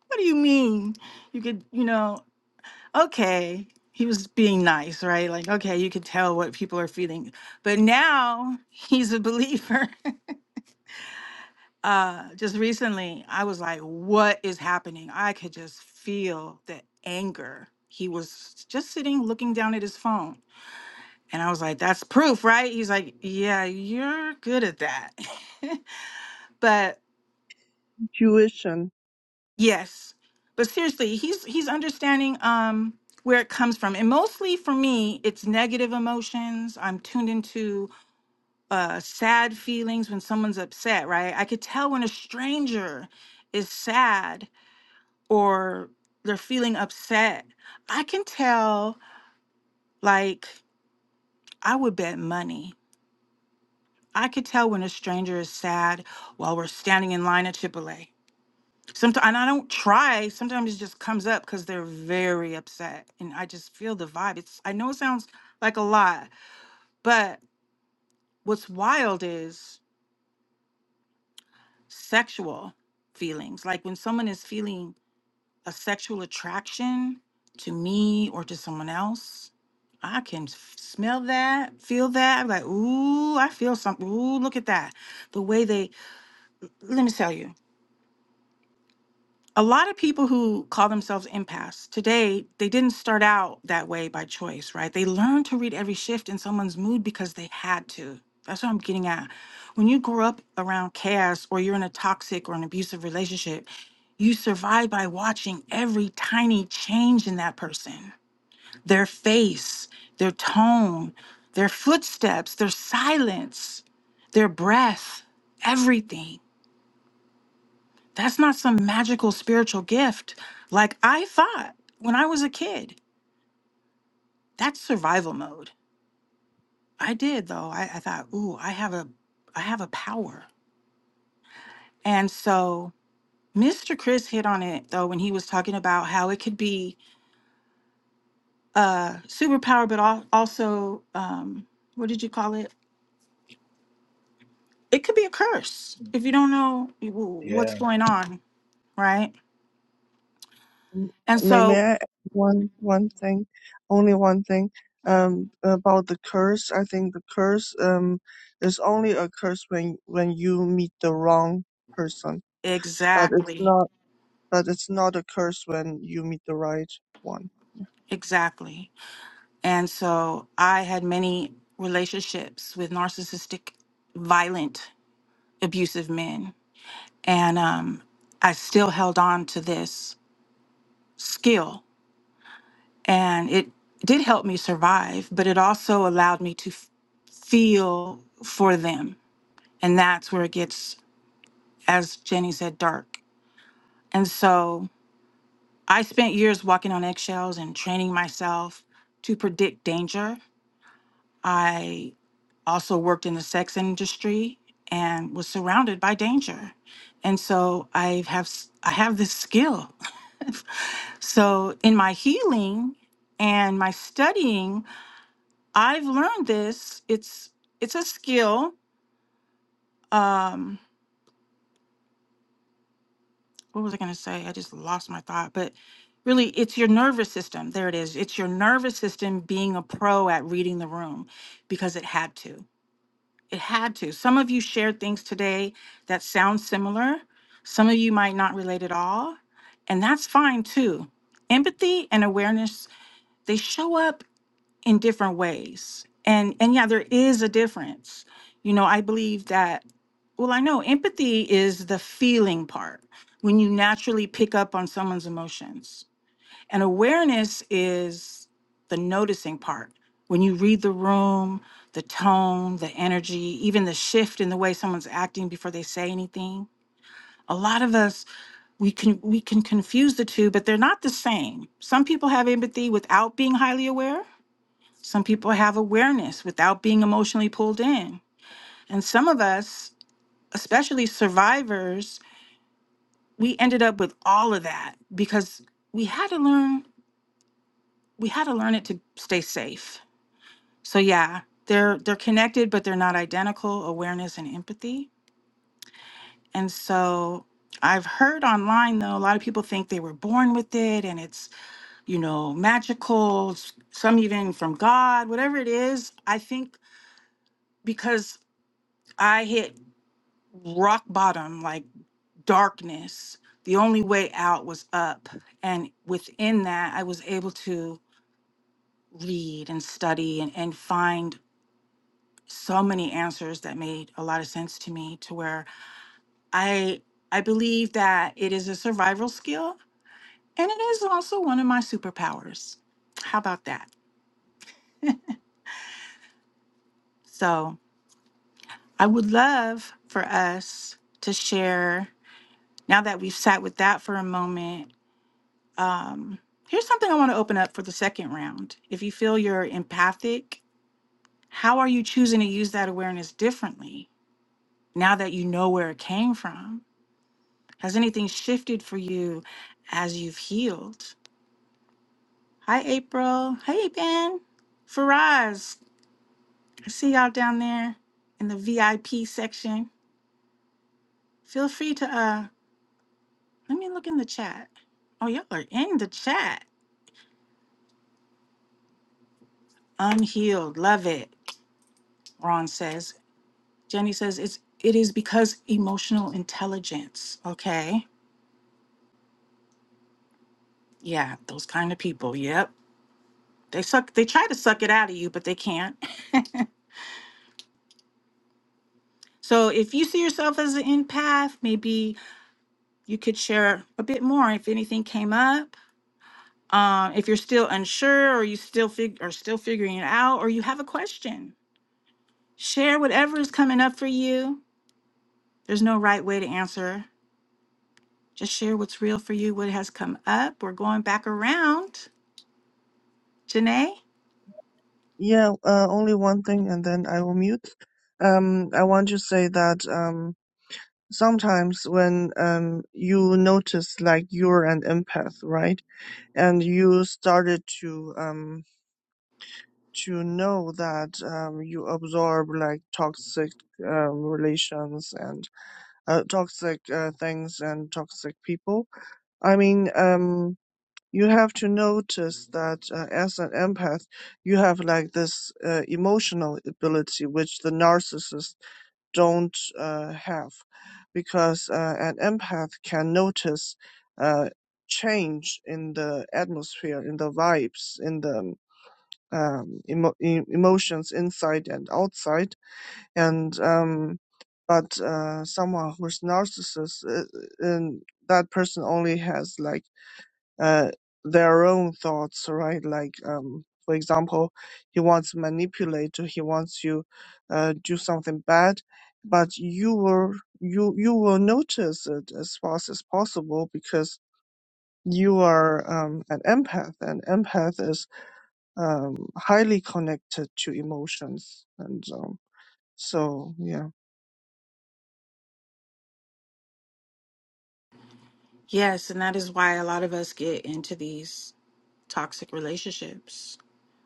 S1: What do you mean? You could, you know. okay, he was being nice, right? Like, okay, you could tell what people are feeling. But now he's a believer. uh, just recently, I was like, what is happening? I could just feel the anger. He was just sitting looking down at his phone. And I was like, that's proof, right? He's like, yeah, you're good at that. but
S4: Intuition
S1: Yes. But seriously, he's he's understanding um where it comes from. And mostly for me, it's negative emotions. I'm tuned into uh sad feelings when someone's upset, right? I could tell when a stranger is sad or they're feeling upset. I can tell like I would bet money. I could tell when a stranger is sad while we're standing in line at Chipotle. Sometimes and I don't try. Sometimes it just comes up because they're very upset, and I just feel the vibe. It's I know it sounds like a lot, but what's wild is sexual feelings. Like when someone is feeling a sexual attraction to me or to someone else, I can f- smell that, feel that. I'm like, ooh, I feel something. Ooh, look at that. The way they. Let me tell you. a lot of people who call themselves empaths today they didn't start out that way by choice right they learned to read every shift in someone's mood because they had to that's what i'm getting at when you grow up around chaos or you're in a toxic or an abusive relationship you survive by watching every tiny change in that person their face their tone their footsteps their silence their breath everything that's not some magical spiritual gift like I thought when I was a kid. That's survival mode. I did though. I, I thought, ooh, I have a I have a power. And so Mr. Chris hit on it though when he was talking about how it could be a superpower, but al- also um, what did you call it? It could be a curse if you don't know wh- what's
S2: Yeah.
S1: going on, right?
S4: M-
S1: And
S4: May, may
S1: so
S4: I add one one thing, only one thing, um, about the curse. I think the curse um is only a curse when when you meet the wrong person, but it's
S1: exactly,
S4: not but it's not a curse when you meet the right one.
S1: exactly. And so I had many relationships with narcissistic, violent, abusive men. And um, I still held on to this skill. And it did help me survive, but it also allowed me to f- feel for them. And that's where it gets, as Jenny said, dark. And so I spent years walking on eggshells and training myself to predict danger I also worked in the sex industry and was surrounded by danger. And so I have s- I have this skill. so in my healing and my studying, I've learned this. It's it's a skill. Um what was I going to say? I just lost my thought, but really it's your nervous system. There it is. It's your nervous system being a pro at reading the room because it had to. It had to. Some of you shared things today that sound similar. Some of you might not relate at all. And that's fine too. Empathy and awareness, they show up in different ways. And and yeah, there is a difference. You know, I believe that well, I know empathy is the feeling part when you naturally pick up on someone's emotions and awareness is the noticing part. When you read the room, the tone, the energy, even the shift in the way someone's acting before they say anything. A lot of us we can we can confuse the two, but they're not the same. Some people have empathy without being highly aware. Some people have awareness without being emotionally pulled in. And some of us, especially survivors, we ended up with all of that because we had to learn we had to learn it to stay safe So yeah, they're they're connected but they're not identical, awareness and empathy. And so I've heard online though a lot of people think they were born with it and it's, you know, magical, s- some even from God, whatever it is. I think because I hit rock bottom like darkness, the only way out was up and within that I was able to read and study and, and find so many answers that made a lot of sense to me to where I I believe that it is a survival skill and it is also one of my superpowers. How about that? So, I would love for us to share now that we've sat with that for a moment. Um here's something I want to open up for the second round. If you feel you're empathic, how are you choosing to use that awareness differently now that you know where it came from? Has anything shifted for you as you've healed? Hi, April. Hey, Ben. Faraz, I see y'all down there in the VIP section. Feel free to, uh, let me look in the chat. Oh, y'all are in the chat. Unhealed. Love it. Ron says. Jenny says it's it is because emotional intelligence. Okay. Yeah, those kind of people. Yep. They suck they try to suck it out of you, but they can't. so if you see yourself as an empath, maybe you could share a bit more if anything came up Um, if you're still unsure or you still fig- are still figuring it out or you have a question, share whatever is coming up for you. There's no right way to answer. Just share what's real for you, what has come up. We're going back around. Janae?
S4: Yeah, uh, only one thing, and then I will mute. Um, I want to say that um, sometimes when um, you notice like you're an empath, right? And you started to um, to know that um, you absorb like toxic um, relations and uh, toxic uh, things and toxic people. I mean, um, you have to notice that uh, as an empath, you have like this uh, emotional ability which the narcissist don't uh, have, because uh, an empath can notice uh, change in the atmosphere, in the vibes, in the um, emo- e- emotions inside and outside and um, but uh, someone who's narcissist uh, uh, and that person only has like uh, their own thoughts right like um, for example he wants to manipulate or he wants you uh, do something bad but you will you you will notice it as fast as possible because you are um, an empath and empath is um, highly connected to emotions. And um, so, yeah.
S1: Yes, and that is why a lot of us get into these toxic relationships.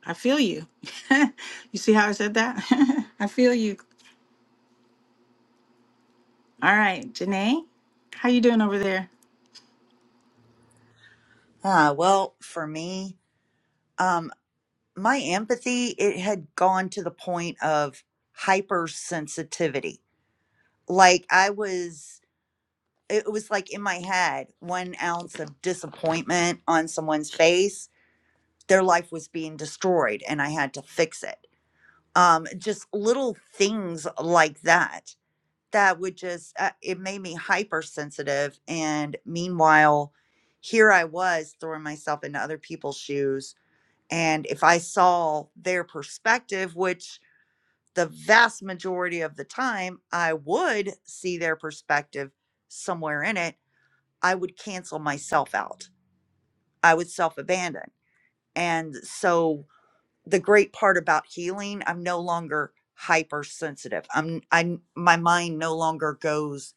S1: I feel you. you see how I said that? I feel you. All right, Janae, how you doing over there?
S3: Ah, well, for me, um, my empathy, it had gone to the point of hypersensitivity. Like I was, it was like in my head, one ounce of disappointment on someone's face, their life was being destroyed and I had to fix it. Um, just little things like that, that would just, uh, it made me hypersensitive. And meanwhile, here I was throwing myself into other people's shoes And if I saw their perspective, which the vast majority of the time I would see their perspective somewhere in it, I would cancel myself out. I would self abandon. And so the great part about healing, I'm no longer hypersensitive. I'm I my mind no longer goes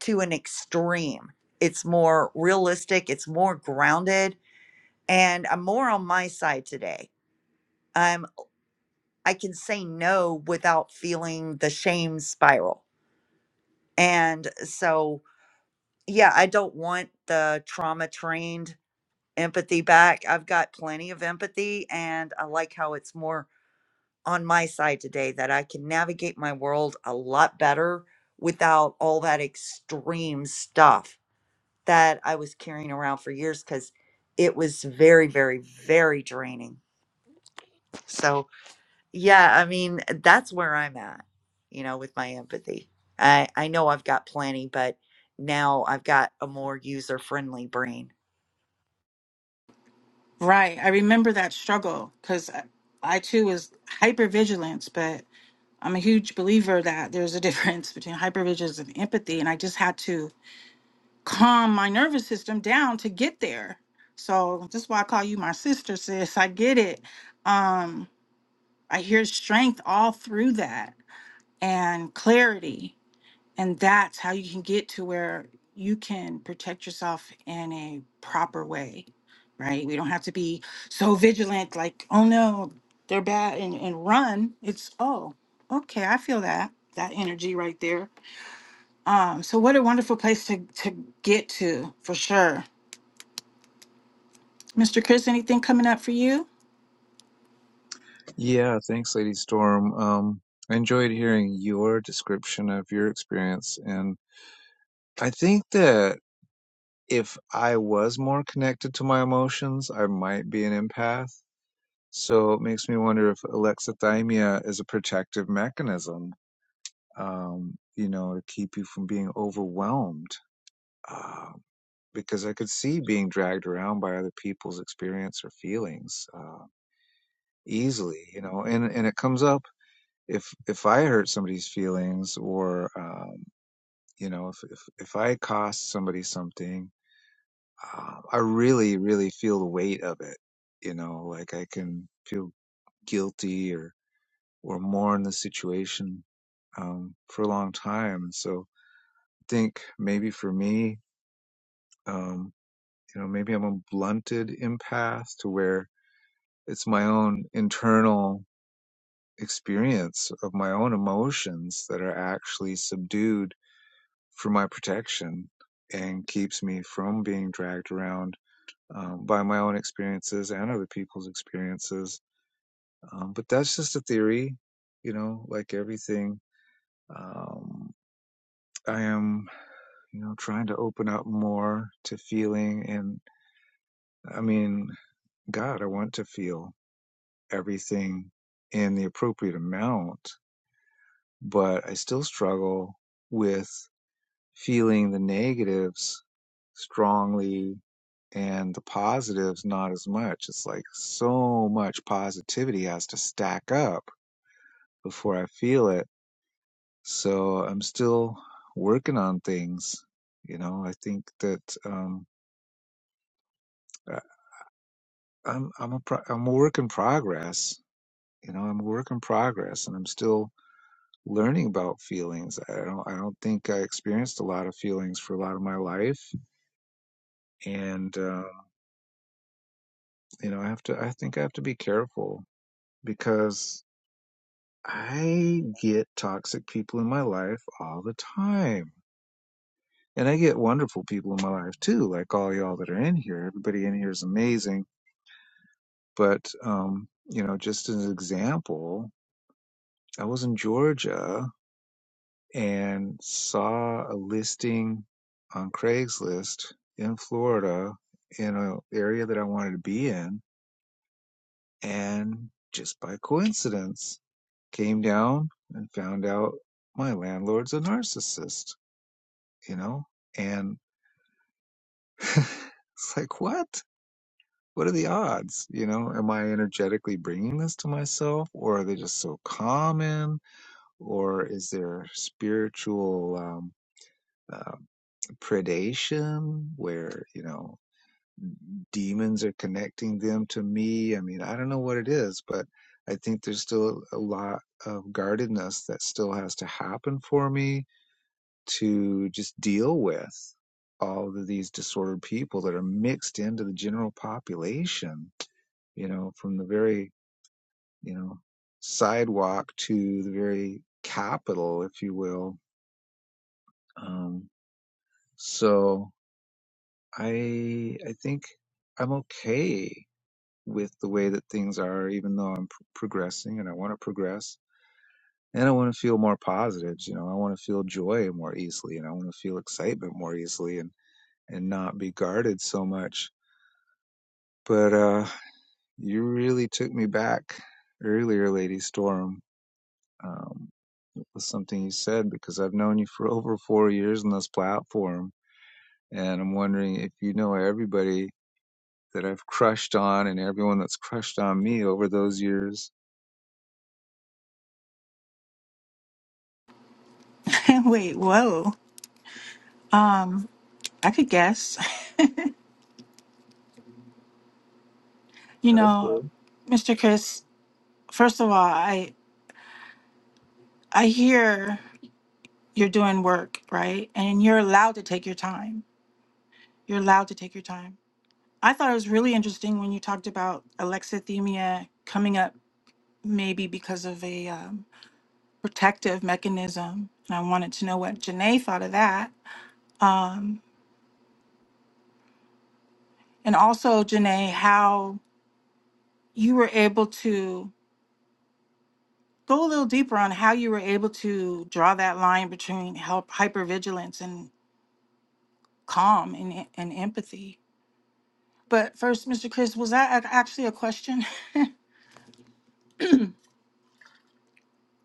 S3: to an extreme. It's more realistic, it's more grounded, and I'm more on my side today. I'm. I can say no without feeling the shame spiral. And so, yeah, I don't want the trauma trained empathy back. I've got plenty of empathy, and I like how it's more on my side today that I can navigate my world a lot better without all that extreme stuff that I was carrying around for years because it was very, very, very draining. So, Yeah, I mean, that's where I'm at, you know, with my empathy. I I know I've got plenty, but now I've got a more user-friendly brain.
S1: Right. I remember that struggle because I, I too was hypervigilance, but I'm a huge believer that there's a difference between hypervigilance and empathy. And I just had to calm my nervous system down to get there. So this is why I call you my sister, sis. I get it. Um, I hear strength all through that and clarity. And that's how you can get to where you can protect yourself in a proper way, right? We don't have to be so vigilant, like, oh no, they're bad and, and run. It's, oh, okay, I feel that, that energy right there. Um, so what a wonderful place to, to get to for sure. Mr. Chris, anything coming up for you?
S2: Yeah, thanks, Lady Storm. Um, I enjoyed hearing your description of your experience, and I think that if I was more connected to my emotions, I might be an empath. So it makes me wonder if alexithymia is a protective mechanism, um, you know, to keep you from being overwhelmed. Um, because I could see being dragged around by other people's experience or feelings uh, easily, you know. And and it comes up if if I hurt somebody's feelings or um, you know if, if if I cost somebody something, uh, I really really feel the weight of it, you know. Like I can feel guilty or or mourn the situation um, for a long time. And so I think maybe for me, um, you know, maybe I'm a blunted empath to where It's my own internal experience of my own emotions that are actually subdued for my protection and keeps me from being dragged around um, by my own experiences and other people's experiences. Um, but that's just a theory, you know, like everything. Um, I am you know, trying to open up more to feeling. And I mean, God, I want to feel everything in the appropriate amount. but I still struggle with feeling the negatives strongly and the positives not as much. It's like so much positivity has to stack up before I feel it. So I'm still working on things. You know, I think that um, I- I'm I'm a pro- I'm a work in progress. You know, I'm a work in progress, and I'm still learning about feelings. I don't I don't think I experienced a lot of feelings for a lot of my life, and uh, you know i have to i think i have to be careful because i get toxic people in my life all the time and i get wonderful people in my life too like all y'all that are in here everybody in here is amazing but um you know just as an example i was in georgia and saw a listing on craigslist in florida in an area that i wanted to be in and just by coincidence came down and found out my landlord's a narcissist, you know? And it's like, what? What are the odds? You know, am I energetically bringing this to myself or are they just so common or is there spiritual um, uh, predation where, you know, demons are connecting them to me? I mean, I don't know what it is, but I think there's still a lot of guardedness that still has to happen for me to just deal with all of these disordered people that are mixed into the general population, you know, from the very, you know, sidewalk to the very capital, if you will. Um, so I, I think I'm okay with the way that things are, even though I'm pr- progressing and I want to progress and I want to feel more positives. You know, I want to feel joy more easily and I want to feel excitement more easily and. and not be guarded so much. But uh, you really took me back earlier, Lady Storm, um, it was something you said because I've known you for over four years on this platform, and I'm wondering if you know everybody that I've crushed on and everyone that's crushed on me over those years.
S1: Wait, whoa. Um, I could guess. you
S2: Okay.
S1: know, Mr. Chris, first of all, I I hear you're doing work, right? And you're allowed to take your time. You're allowed to take your time. I thought it was really interesting when you talked about alexithymia coming up maybe because of a um, protective mechanism. And I wanted to know what Janae thought of that. Um, and also, Janae, how you were able to go a little deeper on how you were able to draw that line between help hypervigilance and calm and, and empathy. But first, Mr. Chris, was that ac- actually a question?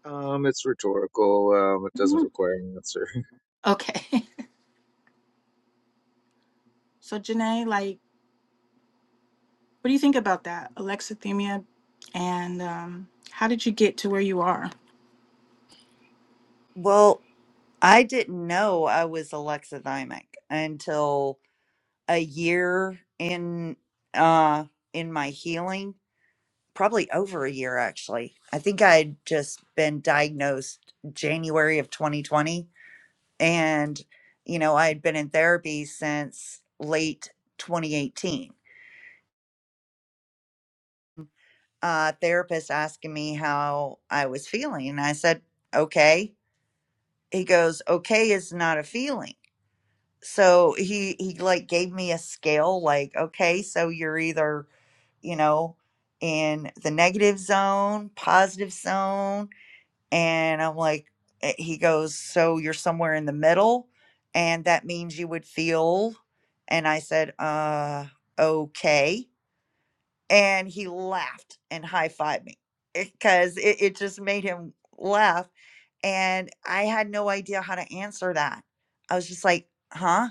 S2: Um, it's rhetorical. Um, it doesn't require an answer.
S1: Okay. So, Janae, like, what do you think about that? Alexithymia, and um, how did you get to where you are?
S3: Well, I didn't know I was alexithymic until a year in uh in my healing, probably over a year actually. I think I'd just been diagnosed January of 2020 and you know, I had been in therapy since late 2018 uh, therapist asking me how I was feeling. And I said, okay. He goes, okay is not a feeling. So he, he like gave me a scale, like, okay, so you're either, you know, in the negative zone, positive zone. And I'm like, eh, he goes, so you're somewhere in the middle. And that means you would feel. And I said, uh, okay and he laughed and high-fived me because it, it just made him laugh and i had no idea how to answer that i was just like huh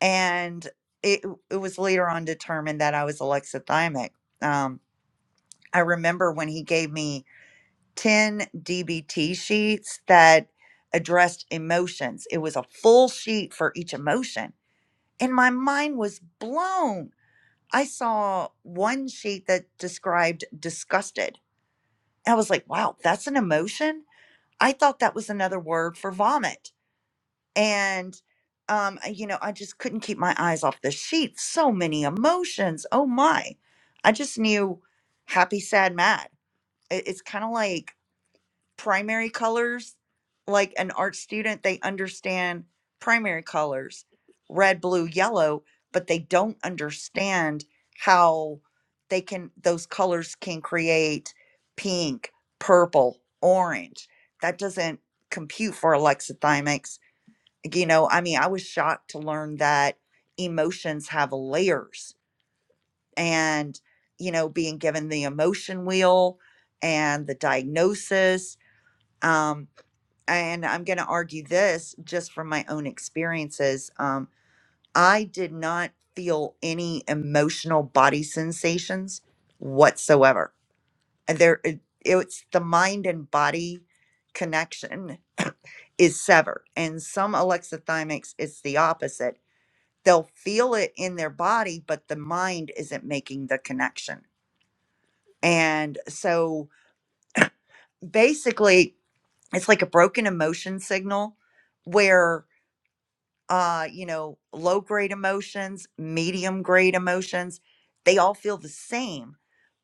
S3: and it, it was later on determined that i was alexithymic um, i remember when he gave me 10 dbt sheets that addressed emotions it was a full sheet for each emotion and my mind was blown i saw one sheet that described disgusted I was like, wow, that's an emotion. I thought that was another word for vomit. And, um, you know, I just couldn't keep my eyes off the sheet. So many emotions. Oh my. I just knew happy, sad, mad. It- It's kind of like primary colors like an art student they understand primary colors red blue yellow but they don't understand how they can those colors can create pink purple orange that doesn't compute for alexithymics you know i mean i was shocked to learn that emotions have layers and you know being given the emotion wheel and the diagnosis um, and I'm going to argue this just from my own experiences. Um, I did not feel any emotional body sensations whatsoever. And There, it, it's the mind and body connection is severed, and some alexithymics, it's the opposite. They'll feel it in their body, but the mind isn't making the connection. And so basically, it's like a broken emotion signal where uh, you know, low grade emotions, medium grade emotions, they all feel the same.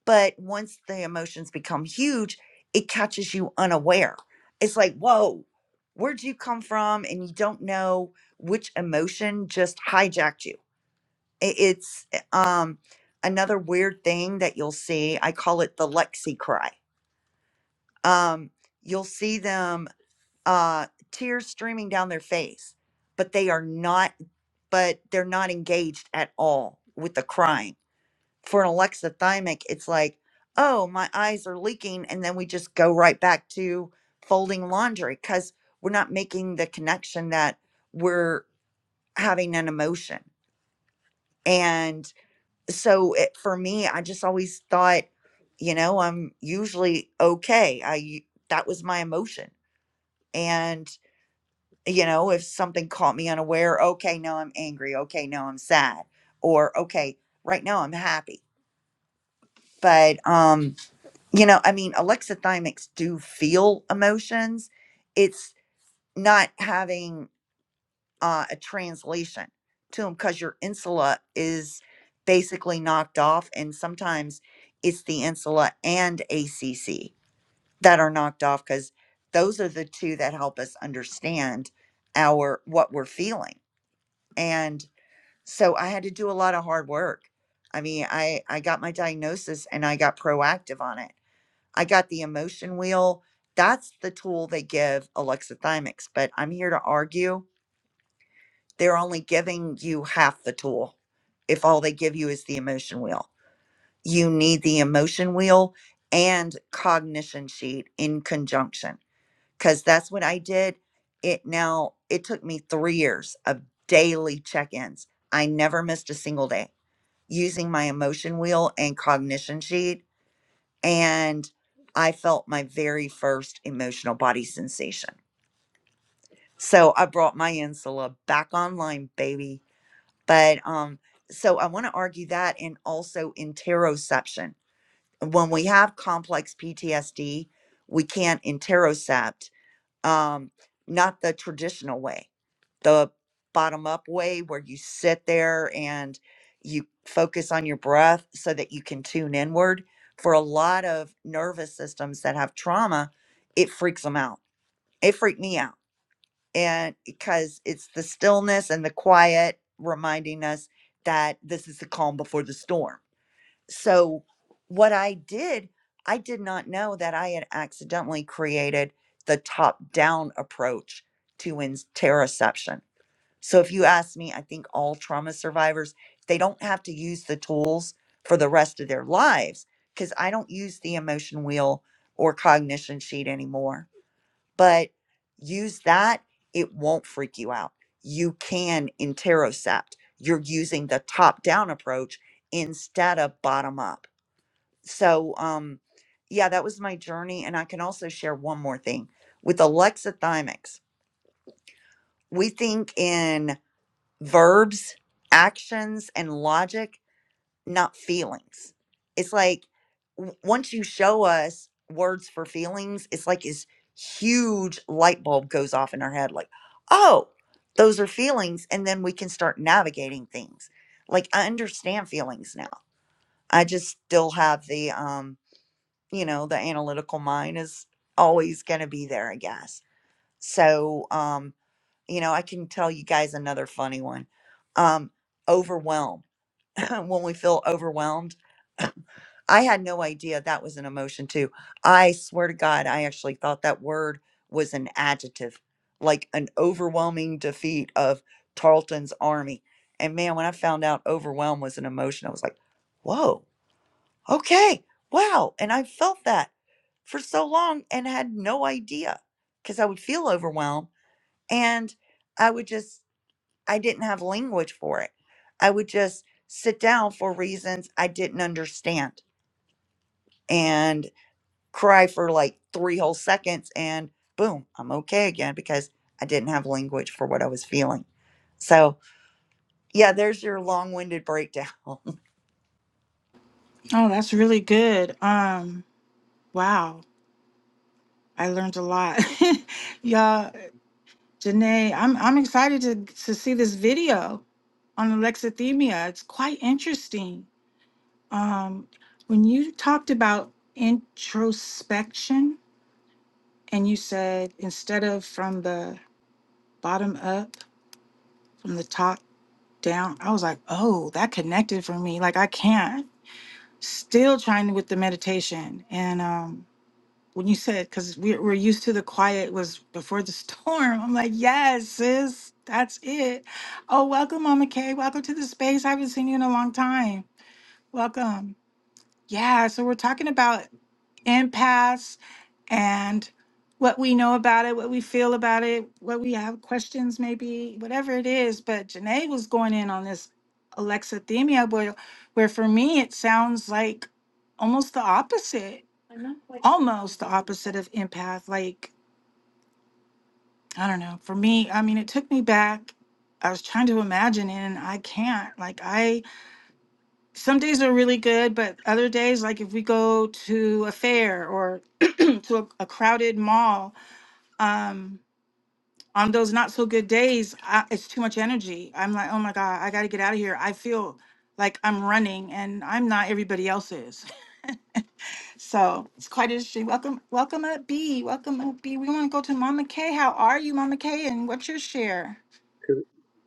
S3: But once the emotions become huge, it catches you unaware. It's like, whoa, where'd you come from? And you don't know which emotion just hijacked you. I- It's eh, um, another weird thing that you'll see. I call it the Lexi cry. Um, you'll see them uh, tears streaming down their face, but they are not but they're not engaged at all with the crying. For an alexithymic, it's like, oh, my eyes are leaking. And then we just go right back to folding laundry because we're not making the connection that we're having an emotion. And so it, for me, I just always thought, you know, I'm usually okay. I, u- that was my emotion. and. you know if something caught me unaware okay now i'm angry okay now i'm sad or okay right now i'm happy but um you know i mean alexithymics do feel emotions it's not having uh, a translation to them because your insula is basically knocked off and sometimes it's the insula and acc that are knocked off because those are the two that help us understand our what we're feeling and So I had to do a lot of hard work. I mean, I I got my diagnosis and I got proactive on it. I got the emotion wheel. That's the tool they give alexithymics, but I'm here to argue they're only giving you half the tool if all they give you is the emotion wheel. You need the emotion wheel and cognition sheet in conjunction cuz that's what I did. It now it took me 3 years of daily check-ins. I never missed a single day using my emotion wheel and cognition sheet, and I felt my very first emotional body sensation. So I brought my insula back online, baby. But um, so I want to argue that, and also interoception. When we have complex PTSD, we can't interocept, um, not the traditional way the bottom up way where you sit there and you focus on your breath so that you can tune inward. For a lot of nervous systems that have trauma, it freaks them out. It freaked me out. And because it's the stillness and the quiet reminding us that this is the calm before the storm. So, what I did, I did not know that I had accidentally created the top down approach to interoception so if you ask me, I think all trauma survivors, they don't have to use the tools for the rest of their lives because I don't use the emotion wheel or cognition sheet anymore. But use that, it won't freak you out. You can interocept. You're using the top down approach instead of bottom up. So um yeah, that was my journey and I can also share one more thing with alexithymics. We think in verbs, actions, and logic, not feelings. It's like w- once you show us words for feelings, it's like this huge light bulb goes off in our head like, oh, those are feelings. And then we can start navigating things. Like I understand feelings now. I just still have the, um, you know, the analytical mind is always going to be there, I guess so, um, you know, I can tell you guys another funny one. Um, overwhelm. when we feel overwhelmed, I had no idea that was an emotion too. I swear to God, I actually thought that word was an adjective, like an overwhelming defeat of Tarleton's army. And man, when I found out overwhelm was an emotion, I was like, whoa, okay, wow. And I felt that for so long and had no idea because I would feel overwhelmed and I would just, I didn't have language for it. I would just sit down for reasons I didn't understand and cry for like three whole seconds. And boom, I'm okay again because I didn't have language for what I was feeling. So, yeah, there's your long winded breakdown.
S1: Oh, that's really good. Um, wow, I learned a lot. yeah, Janae, I'm I'm excited to to see this video on alexithymia. It's quite interesting. Um, when you talked about introspection, and you said instead of from the bottom up, from the top down. I was like, oh, that connected for me. Like I can't. Still trying with the meditation. And um, when you said, because we, we're used to the quiet was before the storm. I'm like, yes, sis, that's it. Oh, welcome, Mama Kay. Welcome to the space. I haven't seen you in a long time. Welcome. Yeah, so we're talking about impasse and what we know about it, what we feel about it, what we have questions, maybe whatever it is. But Janae was going in on this alexithymia, where, where for me it sounds like almost the opposite, almost the opposite of empath. Like I don't know. For me, I mean, it took me back. I was trying to imagine it, and I can't. Like I some days are really good, but other days, like if we go to a fair or to a, a crowded mall, um, on those not so good days, I, it's too much energy. I'm like, oh my God, I got to get out of here. I feel like I'm running and I'm not everybody else's. So it's quite interesting. Welcome, welcome up, B. Welcome up, B. We want to go to Mama K. How are you, Mama K? And what's your share?
S2: Could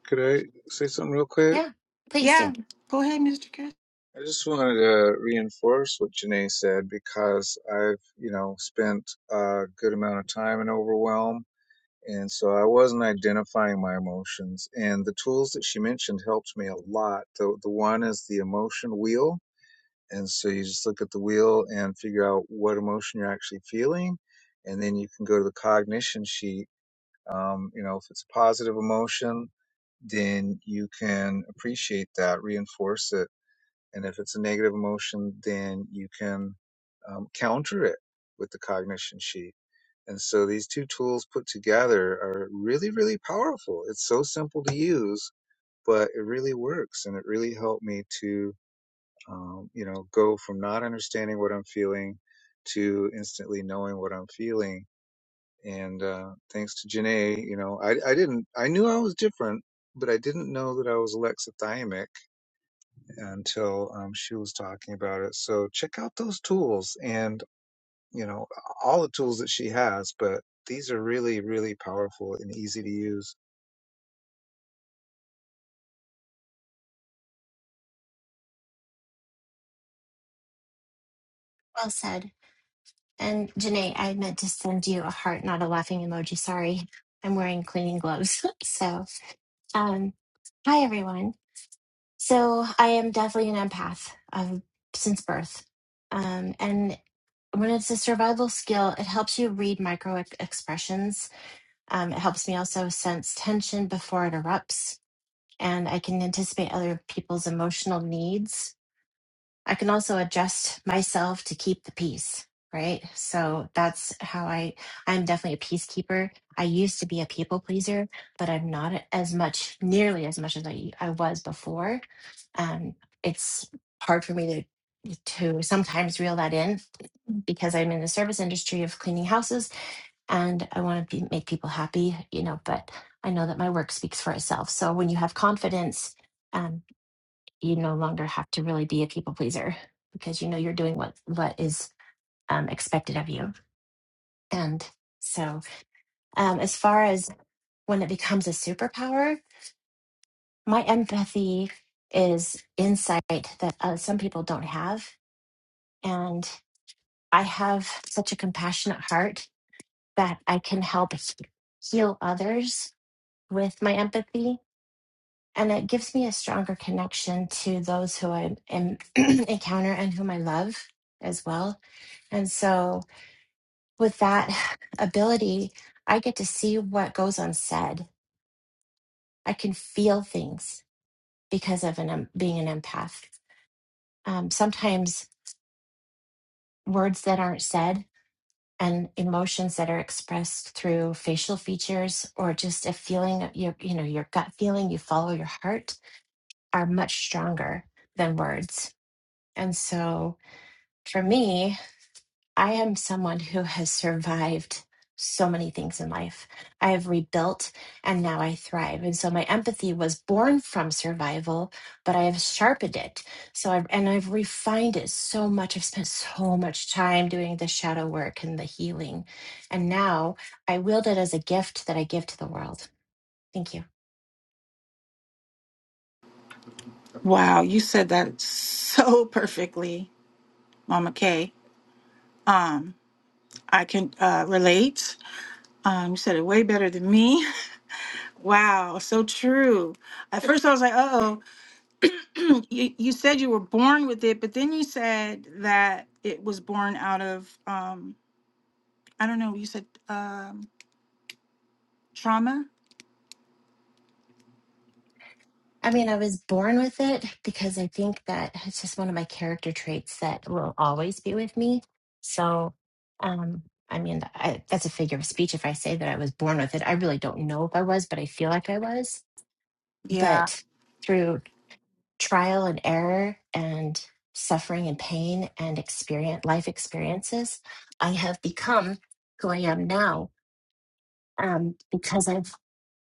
S2: could I say something real quick?
S7: Yeah, please
S1: Yeah,
S7: do.
S1: go ahead, Mr. Chris.
S2: I just wanted to reinforce what Janae said because I've, you know, spent a good amount of time in overwhelm. And so I wasn't identifying my emotions. And the tools that she mentioned helped me a lot. The, the one is the emotion wheel. And so you just look at the wheel and figure out what emotion you're actually feeling. And then you can go to the cognition sheet. Um, you know, if it's a positive emotion, then you can appreciate that, reinforce it and if it's a negative emotion, then you can um, counter it with the cognition sheet. And so these two tools put together are really, really powerful. It's so simple to use, but it really works. And it really helped me to, um, you know, go from not understanding what I'm feeling to instantly knowing what I'm feeling. And uh, thanks to Janae, you know, I, I didn't, I knew I was different, but I didn't know that I was alexithymic until um, she was talking about it. So check out those tools and, you know, all the tools that she has, but these are really, really powerful and easy to use.
S7: Well said. And Janae, I meant to send you a heart, not a laughing emoji. Sorry. I'm wearing cleaning gloves. so, um, hi, everyone. So, I am definitely an empath of, since birth. Um, and when it's a survival skill, it helps you read micro ex- expressions. Um, it helps me also sense tension before it erupts. And I can anticipate other people's emotional needs I can also adjust myself to keep the peace, right? So that's how I, I'm definitely a peacekeeper. I used to be a people pleaser, but I'm not as much, nearly as much as I, I was before. Um, it's hard for me to, to sometimes reel that in because I'm in the service industry of cleaning houses and I want to be, make people happy, you know, but I know that my work speaks for itself. So when you have confidence, um you no longer have to really be a people pleaser because you know you're doing what what is um, expected of you. And so, um, as far as when it becomes a superpower, my empathy is insight that uh, some people don't have, and I have such a compassionate heart that I can help he- heal others with my empathy and it gives me a stronger connection to those who I am, encounter and whom I love as well. And so, with that ability, I get to see what goes unsaid. I can feel things because of an em- being an empath. Um, sometimes words that aren't said and emotions that are expressed through facial features or just a feeling of your, you know, your gut feeling. You follow your heart are much stronger than words. And so for me, I am someone who has survived so many things in life. I have rebuilt and now I thrive. And so my empathy was born from survival, but I have sharpened it. So I've and I've refined it so much. I've spent so much time doing the shadow work and the healing. And now I wield it as a gift that I give to the world. Thank you.
S1: Wow, you said that so perfectly, Mama K. Um, I can uh, relate. Um, you said it way better than me. Wow, so true. At first, I was like, "Uh oh." You, you said you were born with it, but then you said that it was born out of um, I don't know. You said um, trauma.
S7: I mean, I was born with it because I think that it's just one of my character traits that will always be with me. So, um, I mean, I, that's a figure of speech if I say that I was born with it. I really don't know if I was, but I feel like I was.
S1: Yeah.
S7: But through trial and error and suffering and pain and experience life experiences, I have become who I am now um, because I've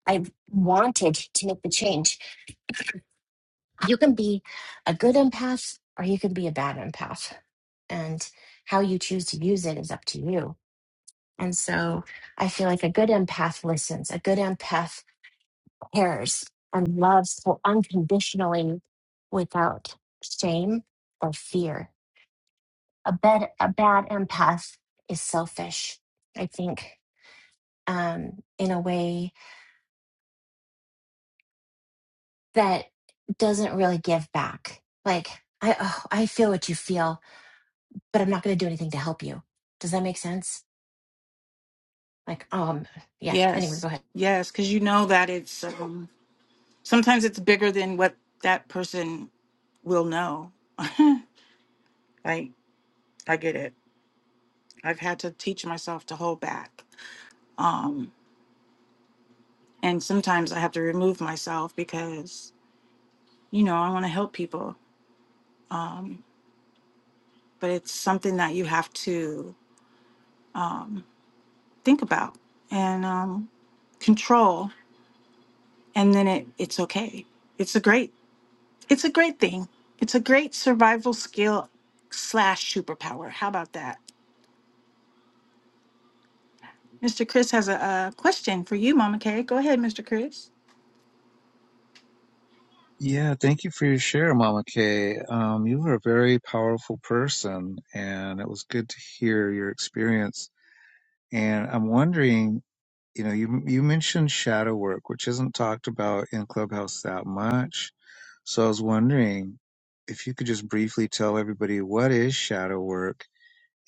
S7: I've wanted to make the change you can be a good empath or you can be a bad empath. And how you choose to use it is up to you. And so I feel like a good empath listens, a good empath cares and loves so unconditionally without shame or fear. A bad, a bad empath is selfish, I think, um, in a way that doesn't really give back. Like, I, oh, I feel what you feel but I'm not going to do anything to help you. Does that make sense? Like, um, yeah. Anyway,
S1: Yes.
S7: go ahead.
S1: Yes, because you know that it's um, sometimes it's bigger than what that person will know. like I get it. I've had to teach myself to hold back. Um, and sometimes I have to remove myself because you know I want to help people, um, but it's something that you have to um, think about and um, control, and then it it's okay. It's a great it's a great thing. It's a great survival skill slash superpower. How about that? Mr. Chris has a, uh question for you, Mama Kay. Go ahead, Mr. Chris.
S2: Yeah, thank you for your share, Mama Kay. Um, you are a very powerful person, and it was good to hear your experience. And I'm wondering, you know, you you mentioned shadow work, which isn't talked about in Clubhouse that much. So I was wondering if you could just briefly tell everybody what is shadow work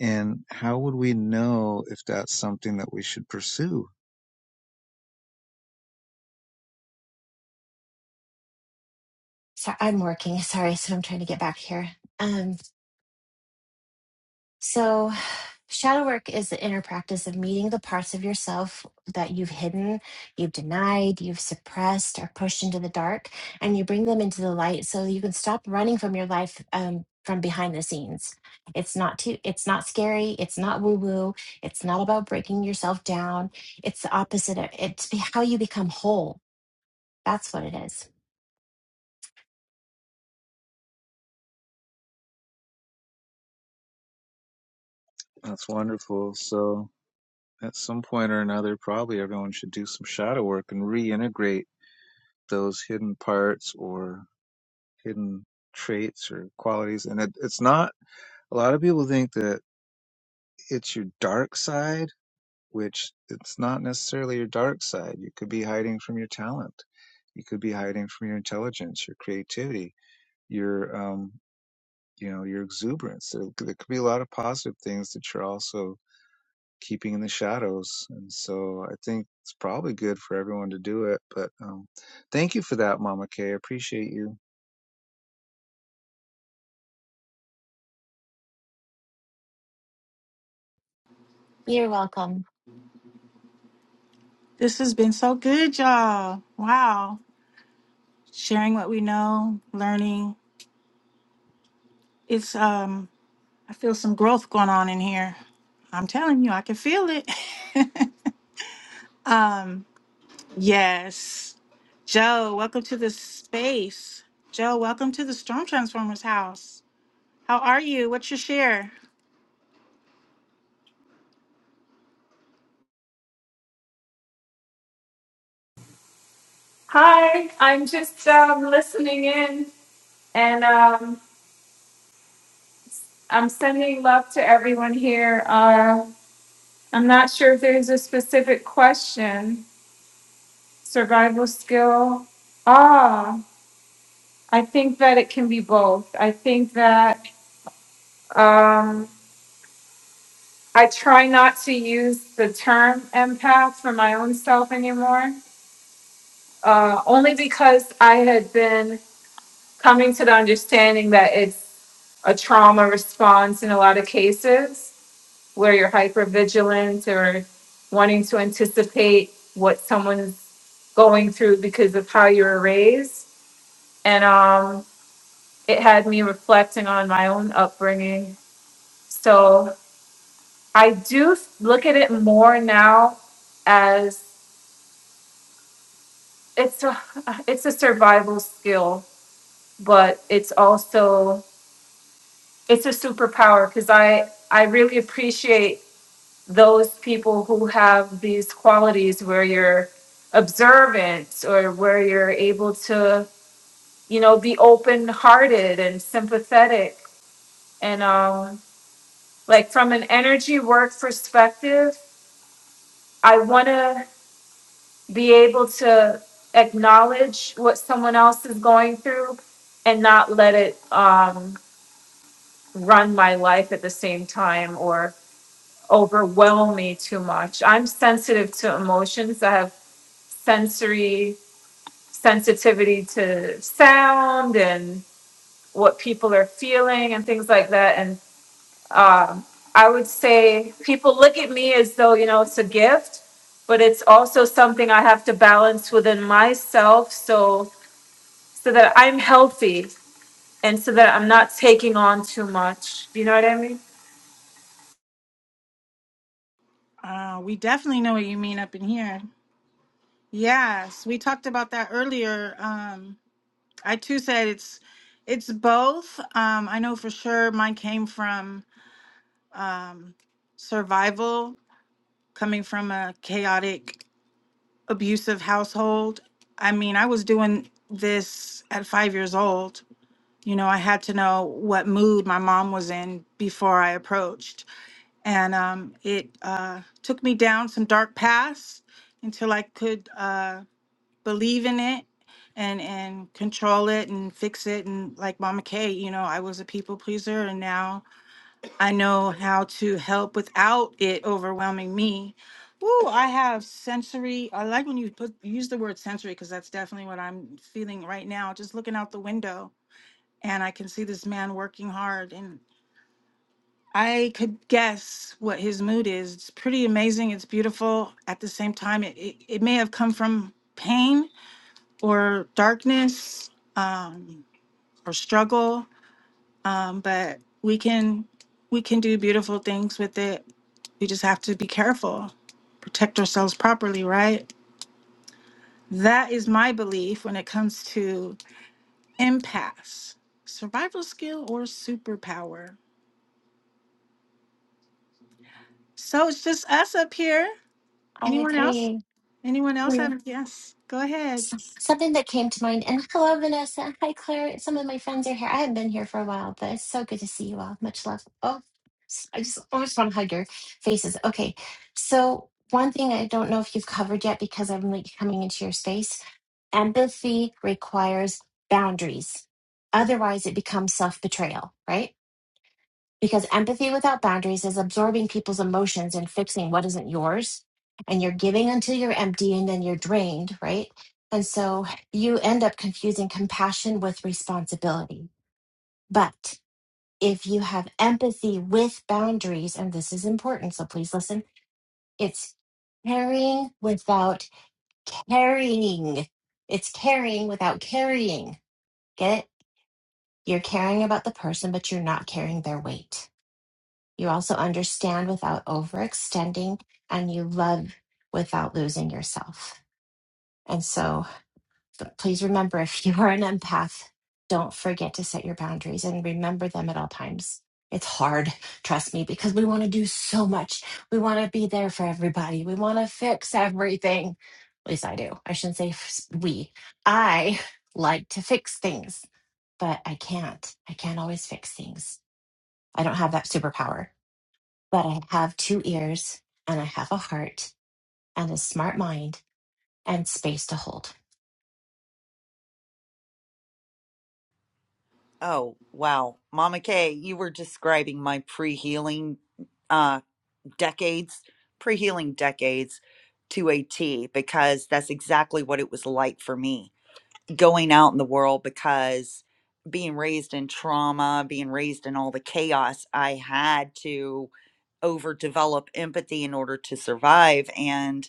S2: And how would we know if that's something that we should pursue?
S7: So I'm working. Sorry. So I'm trying to get back here. Um, so shadow work is the inner practice of meeting the parts of yourself that you've hidden, you've denied, you've suppressed, or pushed into the dark, and you bring them into the light so you can stop running from your life um, from behind the scenes. It's not too. It's not scary. It's not woo woo. It's not about breaking yourself down. It's the opposite. Of, it's be- how you become whole That's what it is.
S2: That's wonderful. So, at some point or another, probably everyone should do some shadow work and reintegrate those hidden parts or hidden traits or qualities. And it, it's not, a lot of people think that it's your dark side, which it's not necessarily your dark side. You could be hiding from your talent, you could be hiding from your intelligence, your creativity. Your um, you know your exuberance there, there could be a lot of positive things that you're also keeping in the shadows and so i think it's probably good for everyone to do it but um, thank you for that mama Kay. I appreciate you
S7: You're welcome.
S1: This has been so good, y'all. Wow. Sharing what we know, learning. It's um I feel some growth going on in here. I'm telling you, I can feel it. um, yes. Joe, welcome to the space. Joe, welcome to the Storm Transformers house. How are you? What's your share?
S8: Hi, I'm just um, listening in and um, I'm sending love to everyone here. Uh, I'm not sure if there's a specific question, survival skill. Ah, I think that it can be both. I think that um, I try not to use the term empath for my own self anymore, uh, only because I had been coming to the understanding that it's a trauma response in a lot of cases where you're hyper vigilant or wanting to anticipate what someone's going through because of how you were raised. And um, it had me reflecting on my own upbringing. So I do look at it more now as it's a it's a survival skill, but it's also it's a superpower because I I really appreciate those people who have these qualities where you're observant or where you're able to you know be open hearted and sympathetic and um like from an energy work perspective i want to be able to acknowledge what someone else is going through and not let it um run my life at the same time or overwhelm me too much i'm sensitive to emotions i have sensory sensitivity to sound and what people are feeling and things like that. And um, I would say people look at me as though, you know, it's a gift, but it's also something I have to balance within myself so so that I'm healthy and so that I'm not taking on too much. You know what I mean?
S1: Uh, we definitely know what you mean up in here. Yes, we talked about that earlier. Um, I too said it's it's both. Um, I know for sure mine came from um, survival, coming from a chaotic abusive household. I mean, I was doing this at five years old. You know, I had to know what mood my mom was in before I approached. And um, it uh, took me down some dark paths until I could uh, believe in it and, and control it and fix it. And like Mama Kay, you know, I was a people pleaser. And now I know how to help without it overwhelming me. Ooh, I have sensory. I like when you put use the word sensory because that's definitely what I'm feeling right now. Just looking out the window and I can see this man working hard and I could guess what his mood is. It's pretty amazing. It's beautiful. At the same time, it, it, it may have come from pain or darkness um, or struggle, um, but we can we can do beautiful things with it We just have to be careful, protect ourselves properly, right? That is my belief when it comes to impasse, survival skill or superpower. So it's just us up here.
S7: I
S1: Anyone else?
S7: agree.
S1: Anyone else
S7: Yeah.
S1: have? Yes, go ahead.
S7: So- Something that came to mind, and hello, Vanessa. Hi, Claire. Some of my friends are here. I haven't been here for a while, but it's so good to see you all. Much love. Oh, s- I just almost want to hug your faces. Okay. So, one thing I don't know if you've covered yet because I'm like coming into your space empathy requires boundaries. Otherwise, it becomes self betrayal, right? Because empathy without boundaries is absorbing people's emotions and fixing what isn't yours. And you're giving until you're empty and then you're drained, right? And so you end up confusing compassion with responsibility. But if you have empathy with boundaries, and this is important, so please listen, it's caring without carrying. It's caring without carrying. Get it? You're caring about the person, but you're not carrying their weight You also understand without overextending, and you love without losing yourself. And so th- please remember if you are an empath, don't forget to set your boundaries and remember them at all times. It's hard, trust me, because we want to do so much. We want to be there for everybody, we want to fix everything. At least I do. I shouldn't say f- we. I like to fix things, but I can't. I can't always fix things. I don't have that superpower. But I have two ears, and I have a heart, and a smart mind, and space to hold.
S3: Oh, wow. Mama Kay, you were describing my pre-healing uh decades, pre-healing decades to a T because that's exactly what it was like for me. going out in the world because being raised in trauma, being raised in all the chaos, I had to overdevelop empathy in order to survive. And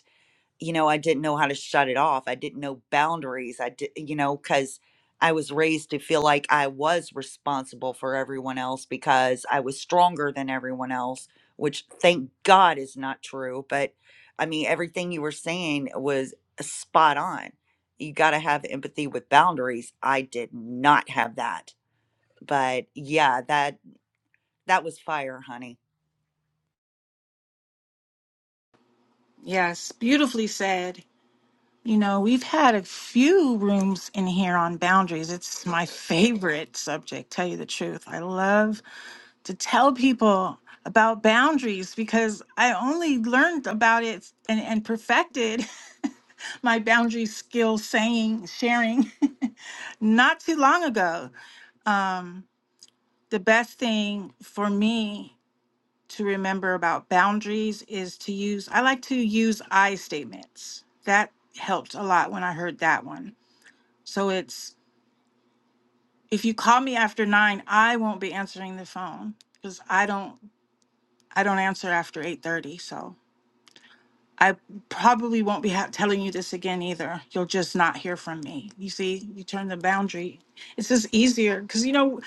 S3: you know, I didn't know how to shut it off. I didn't know boundaries. I did, you know, because I was raised to feel like I was responsible for everyone else because I was stronger than everyone else, which thank God is not true. But I mean, everything you were saying was spot on. You got to have empathy with boundaries. I did not have that. But yeah, that that was fire, honey.
S1: Yes, beautifully said. You know, we've had a few rooms in here on boundaries. It's my favorite subject, tell you the truth. I love to tell people about boundaries because I only learned about it and, and perfected my boundary skill saying, sharing not too long ago. Um, the best thing for me to remember about boundaries is to use, I like to use I statements. That helped a lot when I heard that one. So it's, if you call me after nine, I won't be answering the phone because I don't I don't answer after 8:30, so I probably won't be ha- telling you this again either. You'll just not hear from me. You see, you turn the boundary. It's just easier cuz you know,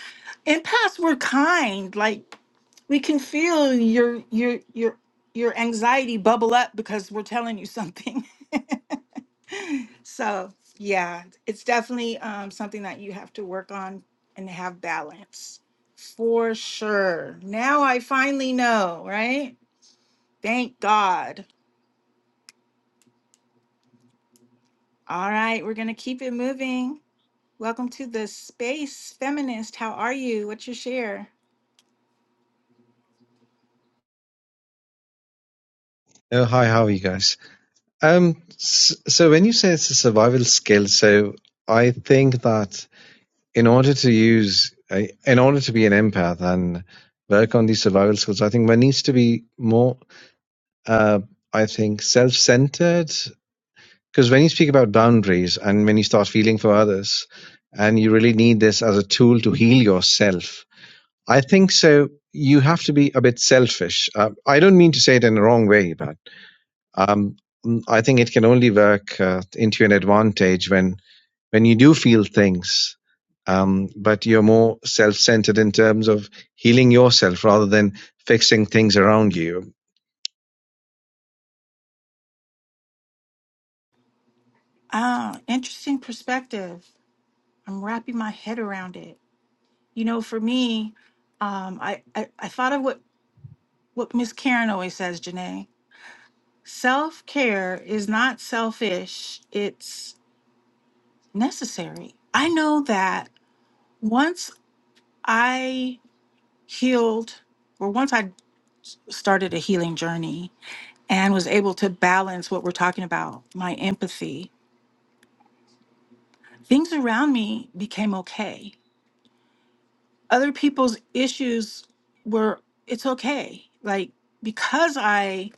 S1: in past we're kind. Like we can feel your your your your anxiety bubble up because we're telling you something. so, yeah, it's definitely um, something that you have to work on and have balance. For sure. Now I finally know, right? Thank God. All right, we're going to keep it moving. Welcome to the space feminist. How are you? What's your share?
S9: Oh, hi, how are you guys? Um, s- so when you say it's a survival skill, so I think that in order to use, uh, in order to be an empath and work on these survival skills, I think one needs to be more, uh, I think, self-centered. Because when you speak about boundaries and when you start feeling for others, and you really need this as a tool to heal yourself, I think so. You have to be a bit selfish. Uh, I don't mean to say it in the wrong way, but um, mm, I think it can only work uh, into an advantage when when you do feel things, um, but you're more self-centered in terms of healing yourself rather than fixing things around you.
S1: Ah, interesting perspective. I'm wrapping my head around it. You know, for me, um, I, I, I thought of what, what Miss Karen always says, Janae. Self care is not selfish, it's necessary. I know that once I healed, or once I started a healing journey, and was able to balance what we're talking about, my empathy. Things around me became okay. Other people's issues were, it's okay. Like, because I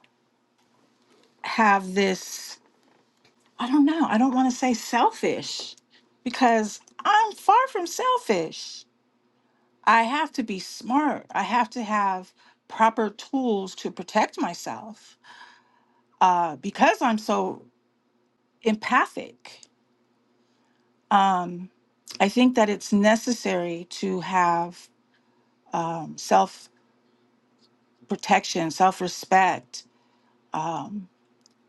S1: have this, I don't know, I don't want to say selfish because I'm far from selfish. I have to be smart, I have to have proper tools to protect myself uh, because I'm so empathic Um, I think that it's necessary to have um, self protection, self respect, um,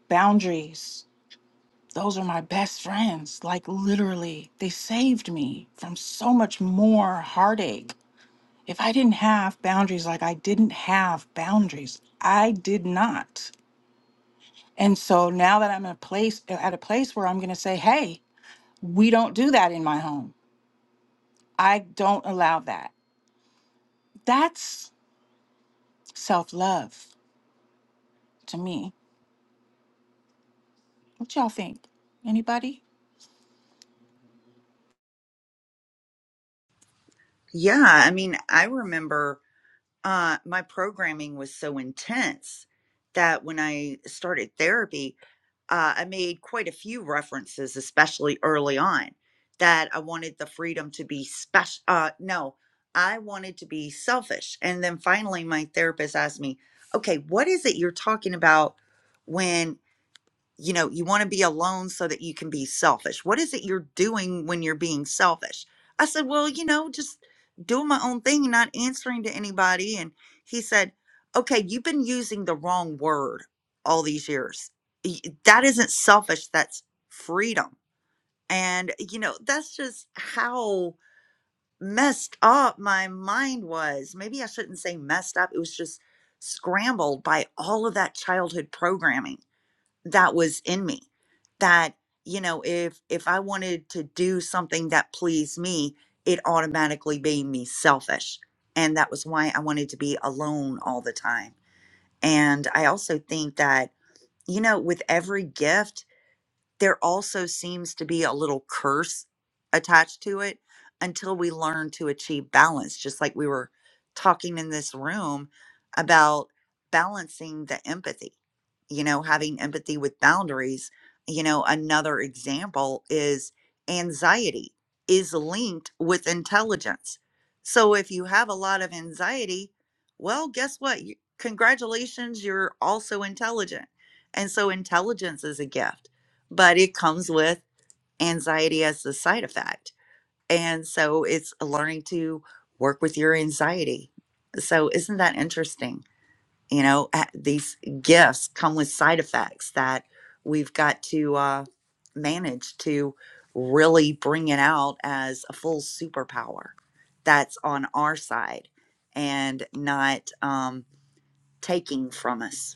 S1: boundaries. Those are my best friends. Like, literally, they saved me from so much more heartache. If I didn't have boundaries, like, I didn't have boundaries, I did not. And so now that I'm in a place, at a place where I'm going to say, hey, we don't do that in my home, I don't allow that. That's self love. to me. What y'all think? Anybody?
S3: Yeah, I mean, I remember uh, my programming was so intense that when I started therapy, uh, I made quite a few references, especially early on, that I wanted the freedom to be special. Uh, no, I wanted to be selfish. And then finally, my therapist asked me, okay, what is it you're talking about when you know, you want to be alone so that you can be selfish. What is it you're doing when you're being selfish? I said, Well, you know, just doing my own thing, not answering to anybody. And he said, Okay, you've been using the wrong word all these years. Y- That isn't selfish, that's freedom. And, you know, that's just how messed up my mind was. Maybe I shouldn't say messed up, it was just scrambled by all of that childhood programming that was in me that you know if if i wanted to do something that pleased me it automatically made me selfish and that was why i wanted to be alone all the time and i also think that you know with every gift there also seems to be a little curse attached to it until we learn to achieve balance, just like we were talking in this room about balancing the empathy, you know, having empathy with boundaries. You know, another example is anxiety is linked with intelligence. So if you have a lot of anxiety, well, guess what? You- Congratulations, you're also intelligent. And so intelligence is a gift but it comes with anxiety as the side effect. And so it's learning to work with your anxiety. So isn't that interesting? You know, a- these gifts come with side effects that we've got to uh, manage to really bring it out as a full superpower that's on our side and not um, taking from us.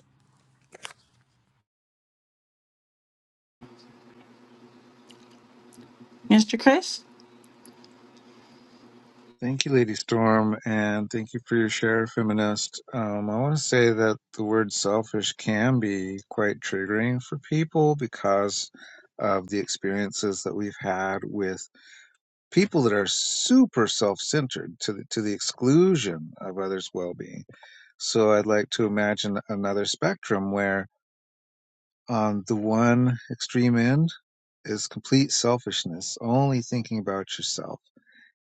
S1: Mr. Chris?
S2: thank you lady storm and thank you for your share feminist um, i want to say that the word selfish can be quite triggering for people because of the experiences that we've had with people that are super self-centered to the, to the exclusion of others' well-being So I'd like to imagine another spectrum where on the one extreme end is complete selfishness, only thinking about yourself.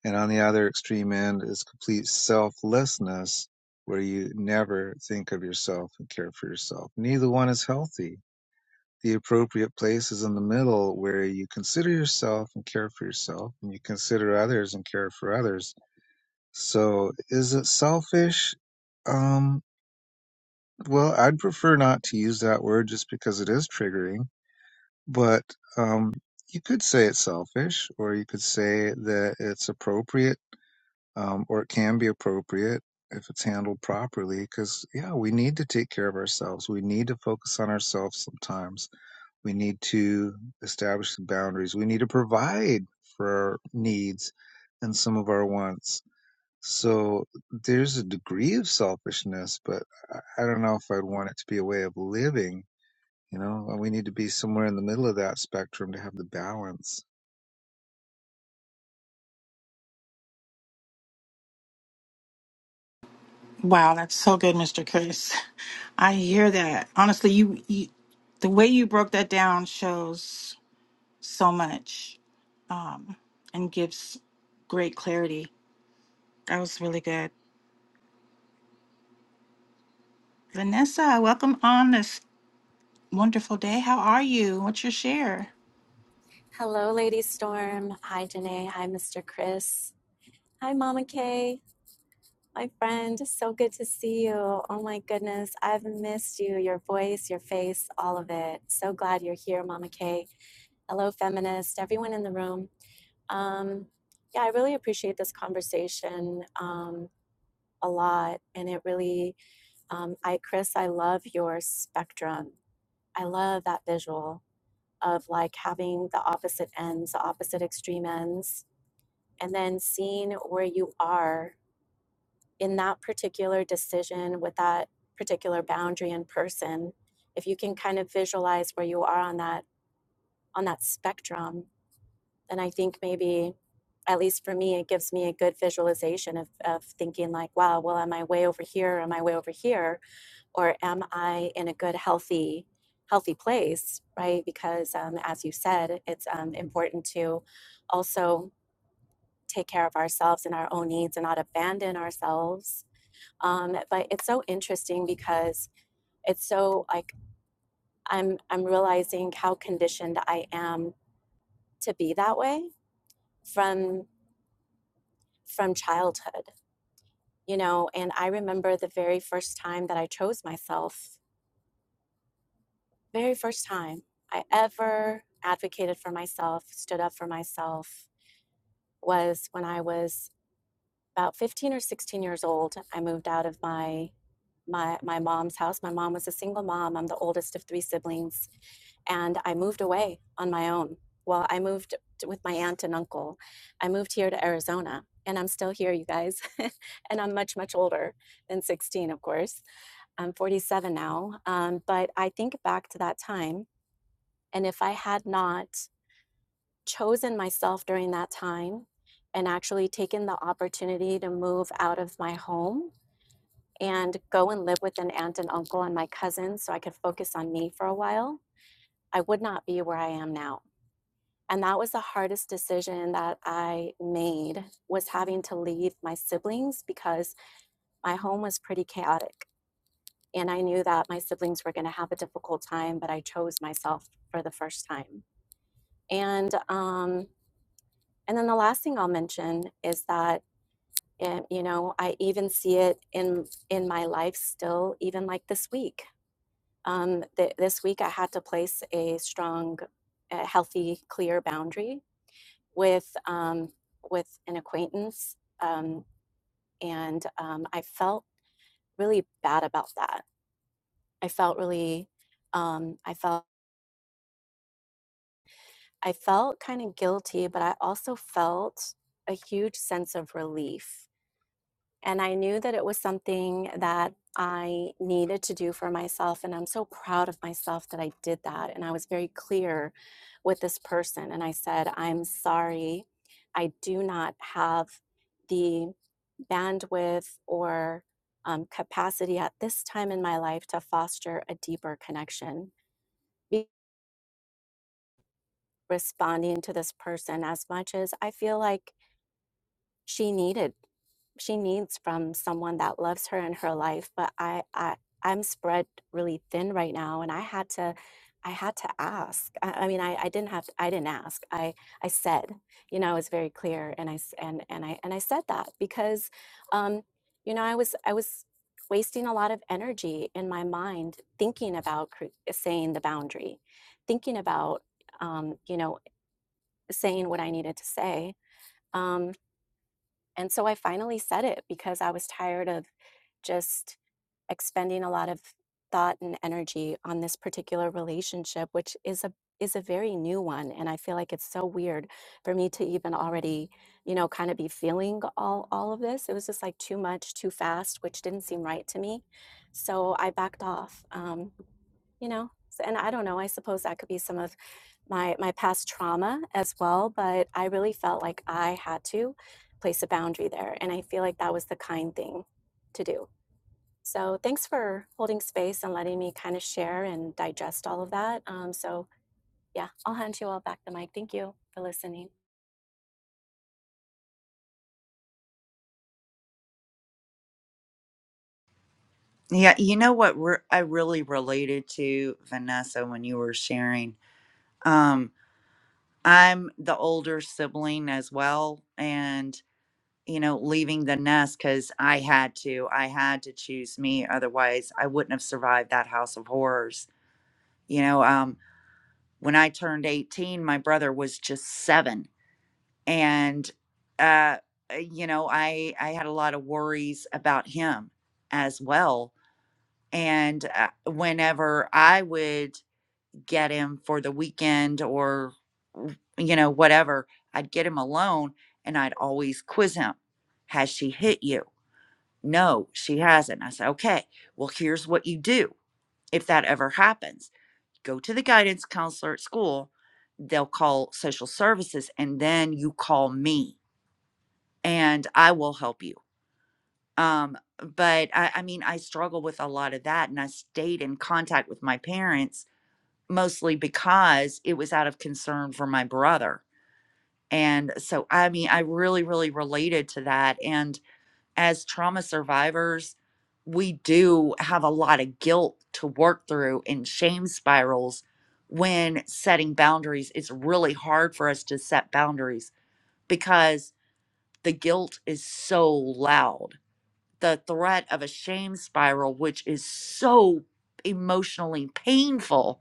S2: And on the other extreme end is complete selflessness, where you never think of yourself and care for yourself. Neither one is healthy. The appropriate place is in the middle where you consider yourself and care for yourself, and you consider others and care for others. So is it selfish? Um, Well, I'd prefer not to use that word just because it is triggering, but um, you could say it's selfish, or you could say that it's appropriate, um, or it can be appropriate if it's handled properly. Because, yeah, we need to take care of ourselves. We need to focus on ourselves sometimes. We need to establish some boundaries. We need to provide for our needs and some of our wants so there's a degree of selfishness, but I I don't know if I'd want it to be a way of living. You know, And we need to be somewhere in the middle of that spectrum to have the balance.
S1: Wow, that's so good, Mr. Chris. I hear that. Honestly, you, you the way you broke that down shows so much um, and gives great clarity. That was really good. Vanessa, welcome on this wonderful day. How are you? What's your share?
S10: Hello, Lady Storm. Hi, Janae. Hi, Mr. Chris. Hi, Mama Kay. My friend, so good to see you. Oh my goodness, I've missed you, your voice, your face, all of it. So glad you're here, Mama Kay. Hello, feminist, everyone in the room. Um, yeah, I really appreciate this conversation um, a lot. And it really, um, I, Chris, I love your spectrum. I love that visual of like having the opposite ends, the opposite extreme ends and then seeing where you are in that particular decision with that particular boundary and person if you can kind of visualize where you are on that on that spectrum then i think maybe at least for me it gives me a good visualization of, of thinking like wow well am i way over here am i way over here or am i in a good healthy healthy place right because um, as you said it's um, important to also take care of ourselves and our own needs and not abandon ourselves. Um, but it's so interesting because it's so like I'm I'm realizing how conditioned I am to be that way from from childhood, you know. And I remember the very first time that I chose myself, very first time I ever advocated for myself, stood up for myself, was when I was about 15 or 16 years old. I moved out of my my, my mom's house. My mom was a single mom. I'm the oldest of three siblings. And I moved away on my own. Well, I moved t- with my aunt and uncle. I moved here to Arizona and I'm still here, you guys. and I'm much, much older than 16, of course. I'm 47 now. Um, but I think back to that time. And if I had not chosen myself during that time and actually taken the opportunity to move out of my home, and go and live with an aunt and uncle and my cousins so I could focus on me for a while, I would not be where I am now. And that was the hardest decision that I made was having to leave my siblings because my home was pretty chaotic and I knew that my siblings were going to have a difficult time, but I chose myself for the first time. And um and then the last thing I'll mention is that eh, you know, I even see it in in my life still even like this week Um, th- this week, I had to place a strong, uh, healthy, clear boundary with um, with an acquaintance, um, and um, I felt really bad about that. I felt really, um, I felt, I felt kind of guilty, but I also felt a huge sense of relief And I knew that it was something that I needed to do for myself. And I'm so proud of myself that I did that. And I was very clear with this person. And I said, I'm sorry. I do not have the bandwidth or um, capacity at this time in my life to foster a deeper connection. Be- Responding to this person as much as I feel like she needed she needs from someone that loves her in her life but I, I i'm spread really thin right now and i had to i had to ask i, I mean I, I didn't have i didn't ask i i said you know i was very clear and i s- and and i and i said that because um you know i was i was wasting a lot of energy in my mind thinking about cre- saying the boundary thinking about um you know saying what i needed to say Um, and so I finally said it because I was tired of just expending a lot of thought and energy on this particular relationship, which is a is a very new one and I feel like it's so weird for me to even already, you know, kind of be feeling all all of this. It was just like too much, too fast, which didn't seem right to me. So I backed off. Um you know? So and I don't know, I suppose that could be some of my my past trauma as well, but I really felt like I had to place a boundary there, and I feel like that was the kind thing to do. So thanks for holding space and letting me kind of share and digest all of that. Um, so yeah, I'll hand you all back the mic. Thank you for listening.
S3: Yeah, you know what re- I really related to Vanessa when you were sharing Um, I'm the older sibling as well, and you know, leaving the nest because I had to. I had to choose me, otherwise, I wouldn't have survived that house of horrors. You know, um, when I turned 18, my brother was just seven, and uh, uh, you know, I I had a lot of worries about him as well. And uh, whenever I would get him for the weekend or you know whatever i'd get him alone and i'd always quiz him has she hit you no she hasn't i said okay well here's what you do if that ever happens go to the guidance counselor at school they'll call social services and then you call me and i will help you um but I, I mean i struggle with a lot of that and i stayed in contact with my parents mostly because it was out of concern for my brother. And so, I mean, I really, really related to that. And as trauma survivors, we do have a lot of guilt to work through and shame spirals when setting boundaries. It's really hard for us to set boundaries because the guilt is so loud. The threat of a shame spiral, which is so emotionally painful,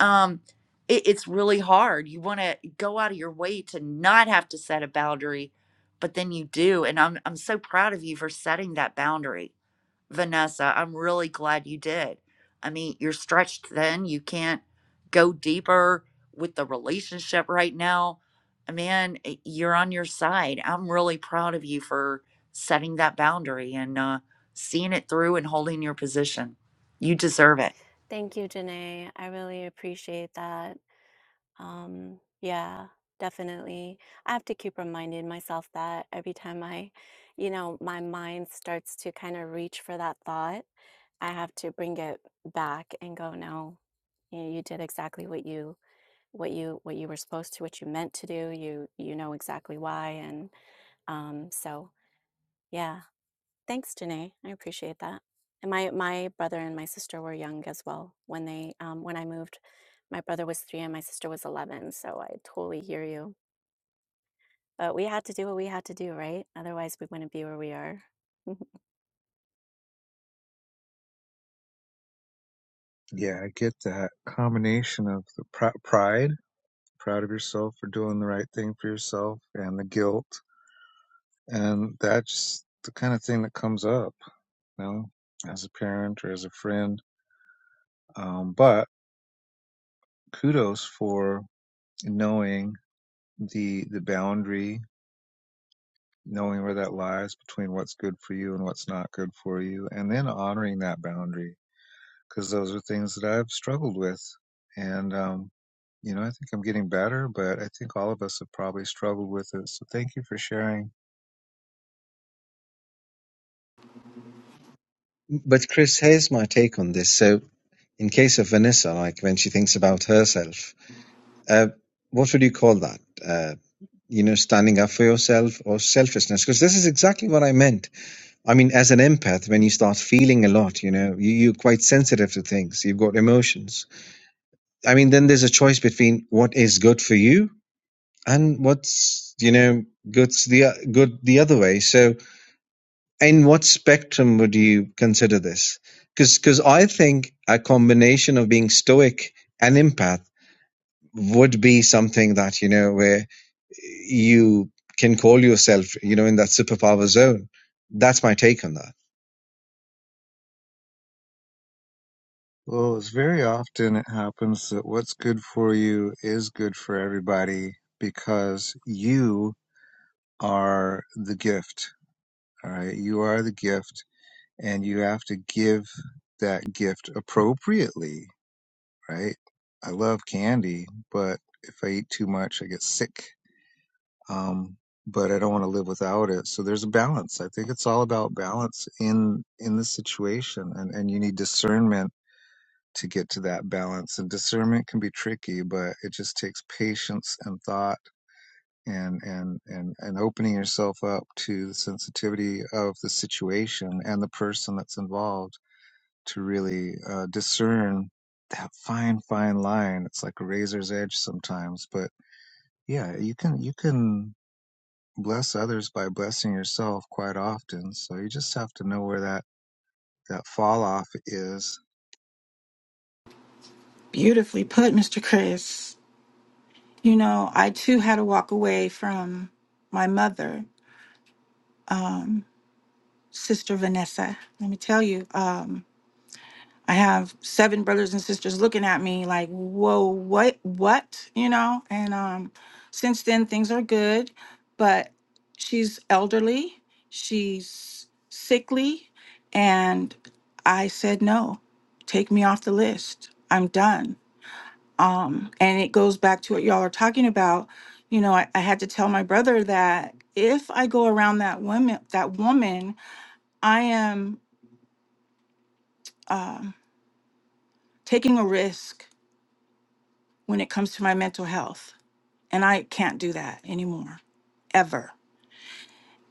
S3: um it, it's really hard you want to go out of your way to not have to set a boundary but then you do and i'm i'm so proud of you for setting that boundary vanessa i'm really glad you did i mean you're stretched thin you can't go deeper with the relationship right now Uh, man eh, you're on your side i'm really proud of you for setting that boundary and uh seeing it through and holding your position you deserve it
S10: Thank you, Janae. I really appreciate that. Um, yeah, definitely. I have to keep reminding myself that every time I, you know, my mind starts to kind of reach for that thought, I have to bring it back and go, no, you know, you did exactly what you what you what you were supposed to, what you meant to do. You you know exactly why. And um, so yeah, Thanks, Danae. I appreciate that. And my my brother and my sister were young as well when they um, when I moved. My brother was three and my sister was eleven, so I totally hear you. But we had to do what we had to do, right? Otherwise, we wouldn't be where we are.
S2: Yeah, I get that combination of the pr- pride, proud of yourself for doing the right thing for yourself, and the guilt, and that's the kind of thing that comes up, you know, as a parent or as a friend. Um, but kudos for knowing the the boundary knowing where that lies between what's good for you and what's not good for you, and then honoring that boundary because those are things that I've struggled with. And, um, you know, I think I'm getting better, but I think all of us have probably struggled with it. So thank you for sharing.
S9: But Chris, here's my take on this. So, in case of Vanessa, like when she thinks about herself, uh, what would you call that? Uh, you know, standing up for yourself or selfishness? Because this is exactly what I meant. I mean, as an empath, when you start feeling a lot, you know, you, you're quite sensitive to things. You've got emotions. I mean, then there's a choice between what is good for you and what's, you know, good's the o- good the other way. So, in what spectrum would you consider this? Because because I think a combination of being stoic and empath would be something that you know where you can call yourself, you know, in that superpower zone. That's my take on that.
S2: Well, it's very often it happens that what's good for you is good for everybody because you are the gift. All right. You are the gift and you have to give that gift appropriately right? I love candy, but if I eat too much, I get sick. Um, but I don't want to live without it. So there's a balance. I think it's all about balance in in the situation, and and you need discernment to get to that balance. And discernment can be tricky, but it just takes patience and thought. And, and and and opening yourself up to the sensitivity of the situation and the person that's involved to really uh, discern that fine, fine line. It's like a razor's edge sometimes, but yeah, you can you can bless others by blessing yourself quite often. So you just have to know where that that fall off is.
S1: Beautifully put, Mr. Chris. You know, I too had to walk away from my mother. Um, Sister Vanessa. Let me tell you, um, I have seven brothers and sisters looking at me like, whoa, what, what, you know? And um, since then, things are good, but she's elderly, she's sickly, and I said, no, take me off the list. I'm done. Um, and it goes back to what y'all are talking about. You know, I, I had to tell my brother that if I go around that woman, that woman, I am um, taking a risk when it comes to my mental health. And I can't do that anymore, ever.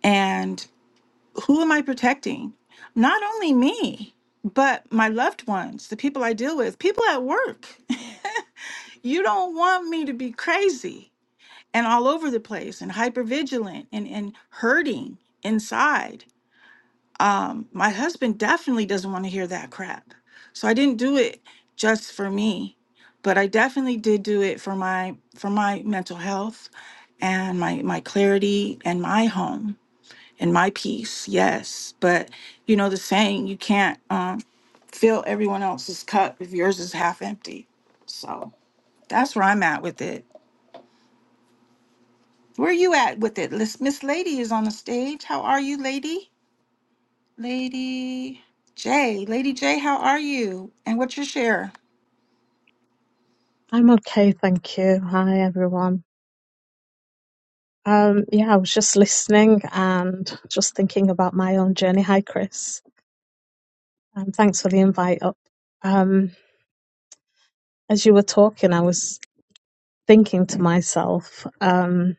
S1: And who am I protecting? Not only me, but my loved ones, the people I deal with, people at work. you don't want me to be crazy and all over the place and hypervigilant and, and hurting inside um, my husband definitely doesn't want to hear that crap. So I didn't do it just for me, but I definitely did do it for my for my mental health and my my clarity and my home and my peace. Yes, but you know the saying, you can't um, fill everyone else's cup if yours is half empty. So that's where I'm at with it. Where are you at with it? Let's- Miss Lady is on the stage. How are you, Lady? Lady J. Lady J, how are you? And what's your share?
S11: I'm okay, thank you. Hi, everyone. Um, yeah, I was just listening and just thinking about my own journey. Hi, Chris. Um, thanks for the invite up. Um, as you were talking, I was thinking to myself um,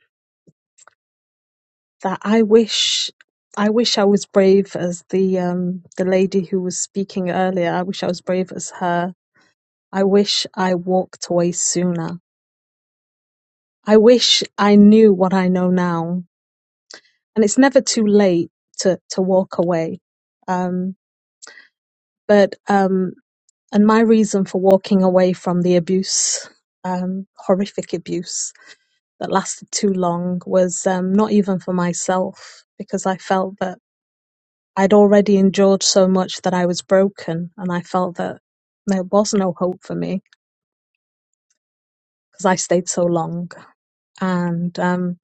S11: that I wish, I wish I was brave as the um, the lady who was speaking earlier. I wish I was brave as her. I wish I walked away sooner. I wish I knew what I know now and it's never too late to to walk away um but um and my reason for walking away from the abuse um horrific abuse that lasted too long was um not even for myself because i felt that i'd already endured so much that i was broken and i felt that there was no hope for me because i stayed so long and um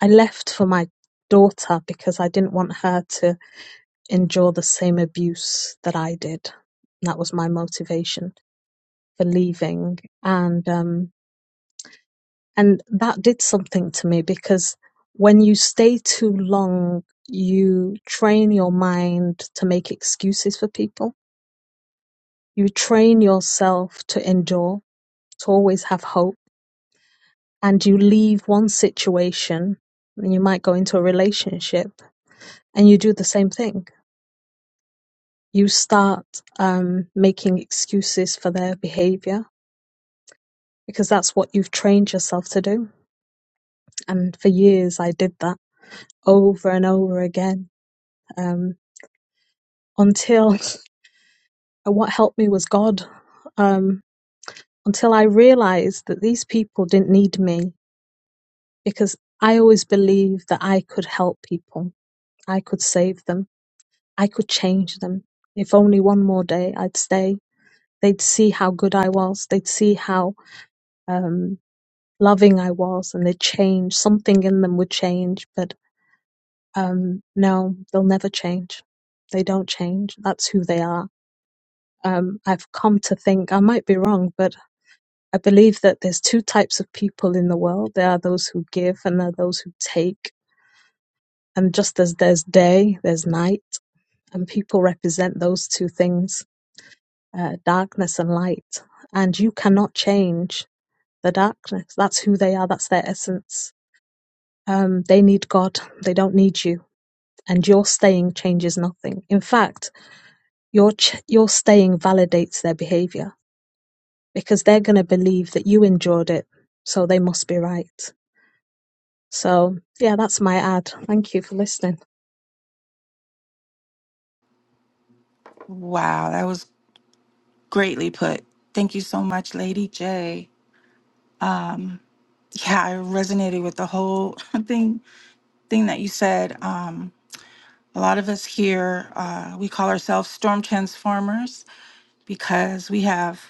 S11: i left for my daughter because i didn't want her to endure the same abuse that I did. That was my motivation for leaving. And um and that did something to me because when you stay too long, you train your mind to make excuses for people. You train yourself to endure, to always have hope, and you leave one situation and you might go into a relationship and you do the same thing. You start um, making excuses for their behavior because that's what you've trained yourself to do. And for years, I did that over and over again um, until what helped me was God. Um, until I realized that these people didn't need me because I always believed that I could help people, I could save them, I could change them. If only one more day I'd stay, they'd see how good I was, they'd see how um, loving I was, and they'd change. Something in them would change, but Um, no, they'll never change. They don't change. That's who they are. Um, I've come to think, I might be wrong, but I believe that there's two types of people in the world. There are those who give and there are those who take. And just as there's day, there's night. And people represent those two things, uh, darkness and light. And you cannot change the darkness. That's who they are. That's their essence. Um, they need God. They don't need you. And your staying changes nothing. In fact, Your ch- your staying validates their behavior because they're going to believe that you endured it, so they must be right. So yeah, that's my ad. Thank you for listening.
S1: Wow, that was greatly put. Thank you so much, Lady J. Um, yeah, I resonated with the whole thing thing that you said. Um, a lot of us here, uh, we call ourselves storm transformers because we have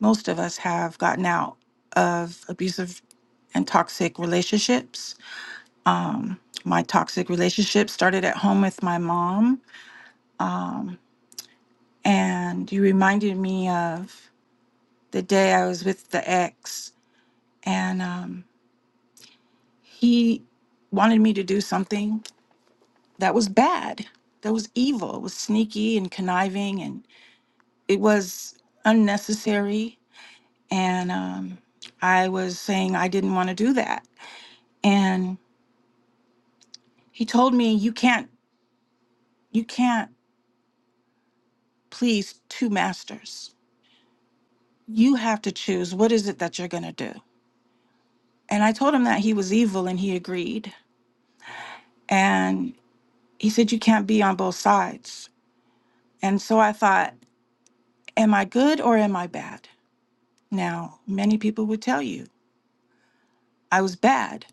S1: most of us have gotten out of abusive and toxic relationships. Um, my toxic relationship started at home with my mom. Um, and you reminded me of the day I was with the ex, and um, he wanted me to do something that was bad, that was evil, it was sneaky and conniving, and it was unnecessary. And um, I was saying I didn't want to do that, and he told me you can't, you can't please two masters. You have to choose what is it that you're going to do. And I told him that he was evil, and he agreed. And He said, You can't be on both sides. And so I thought, Am I good or am I bad? Now, many people would tell you I was bad,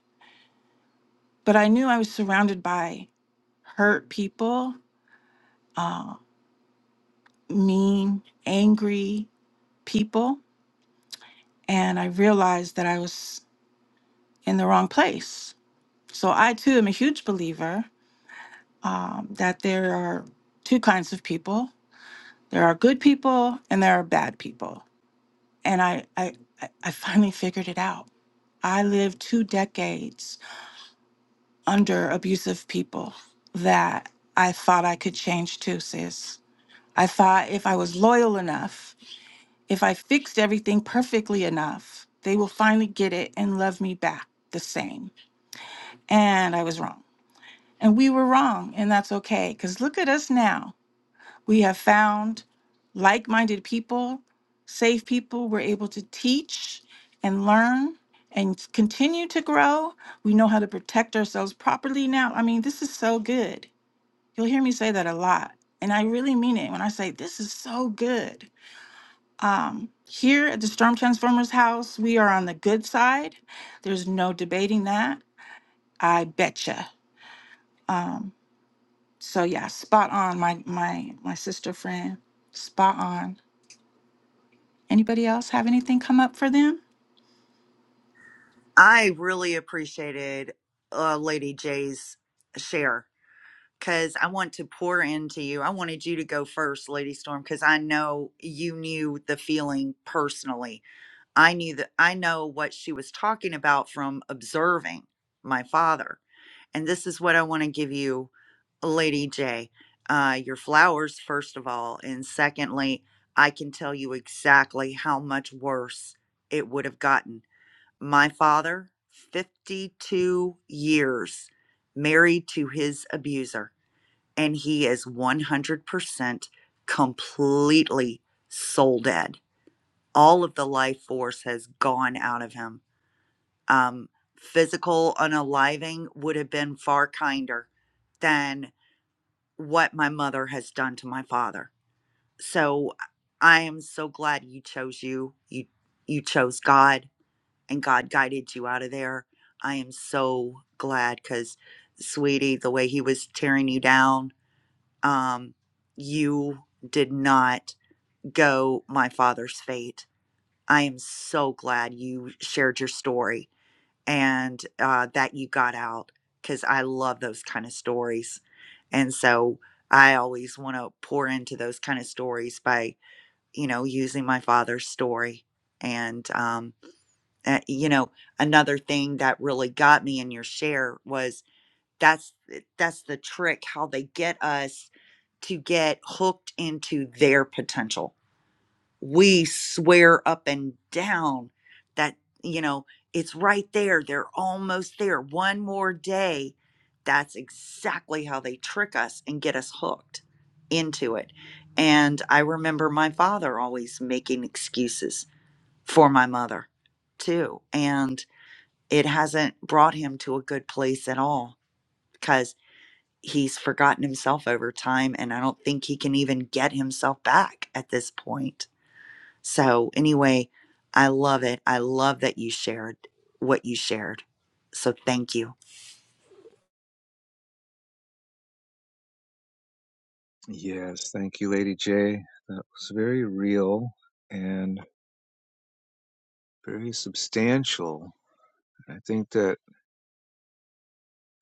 S1: but I knew I was surrounded by hurt people, uh, mean, angry people. And I realized that I was in the wrong place. So I too am a huge believer um, that there are two kinds of people there are good people and there are bad people. and I, I, I I finally figured it out. I lived two decades under abusive people that I thought I could change too, sis. I thought if I was loyal enough, if I fixed everything perfectly enough, they will finally get it and love me back the same. And I was wrong. And we were wrong, and that's okay. Because look at us now. We have found like minded people, safe people. We're able to teach and learn and continue to grow. We know how to protect ourselves properly now. I mean, this is so good. You'll hear me say that a lot. And I really mean it when I say this is so good. Um, here at the Storm Transformers house, we are on the good side. There's no debating that. I betcha. Um, so yeah, spot on, my my my sister friend. Spot on. Anybody else have anything come up for them?
S3: I really appreciated uh, Lady J's share because I want to pour into you. I wanted you to go first, Lady Storm, because I know you knew the feeling personally. I knew that I know what she was talking about from observing my father. And this is what I want to give you, Lady J. Uh, your flowers, first of all. And secondly, I can tell you exactly how much worse it would have gotten my father, 52 years married to his abuser, and he is 100% completely soul dead. All of the life force has gone out of him. Um, physical unaliving would have been far kinder than what my mother has done to my father. So I am so glad you chose you. You you chose God and God guided you out of there. I am so glad because, sweetie, the way he was tearing you down, um, you did not go my father's fate. I am so glad you shared your story and uh, that you got out because I love those kind of stories. And so I always want to pour into those kind of stories by, you know, using my father's story. And um, uh, you know another thing that really got me in your share was that's eh, that's the trick how they get us to get hooked into their potential we swear up and down that you know it's right there they're almost there one more day that's exactly how they trick us and get us hooked into it and i remember my father always making excuses for my mother too. And it hasn't brought him to a good place at all because he's forgotten himself over time and I don't think he can even get himself back at this point. So, anyway, I love it. I love that you shared what you shared. So, thank you.
S2: Yes, thank you, Lady J. That was very real and very substantial. I think that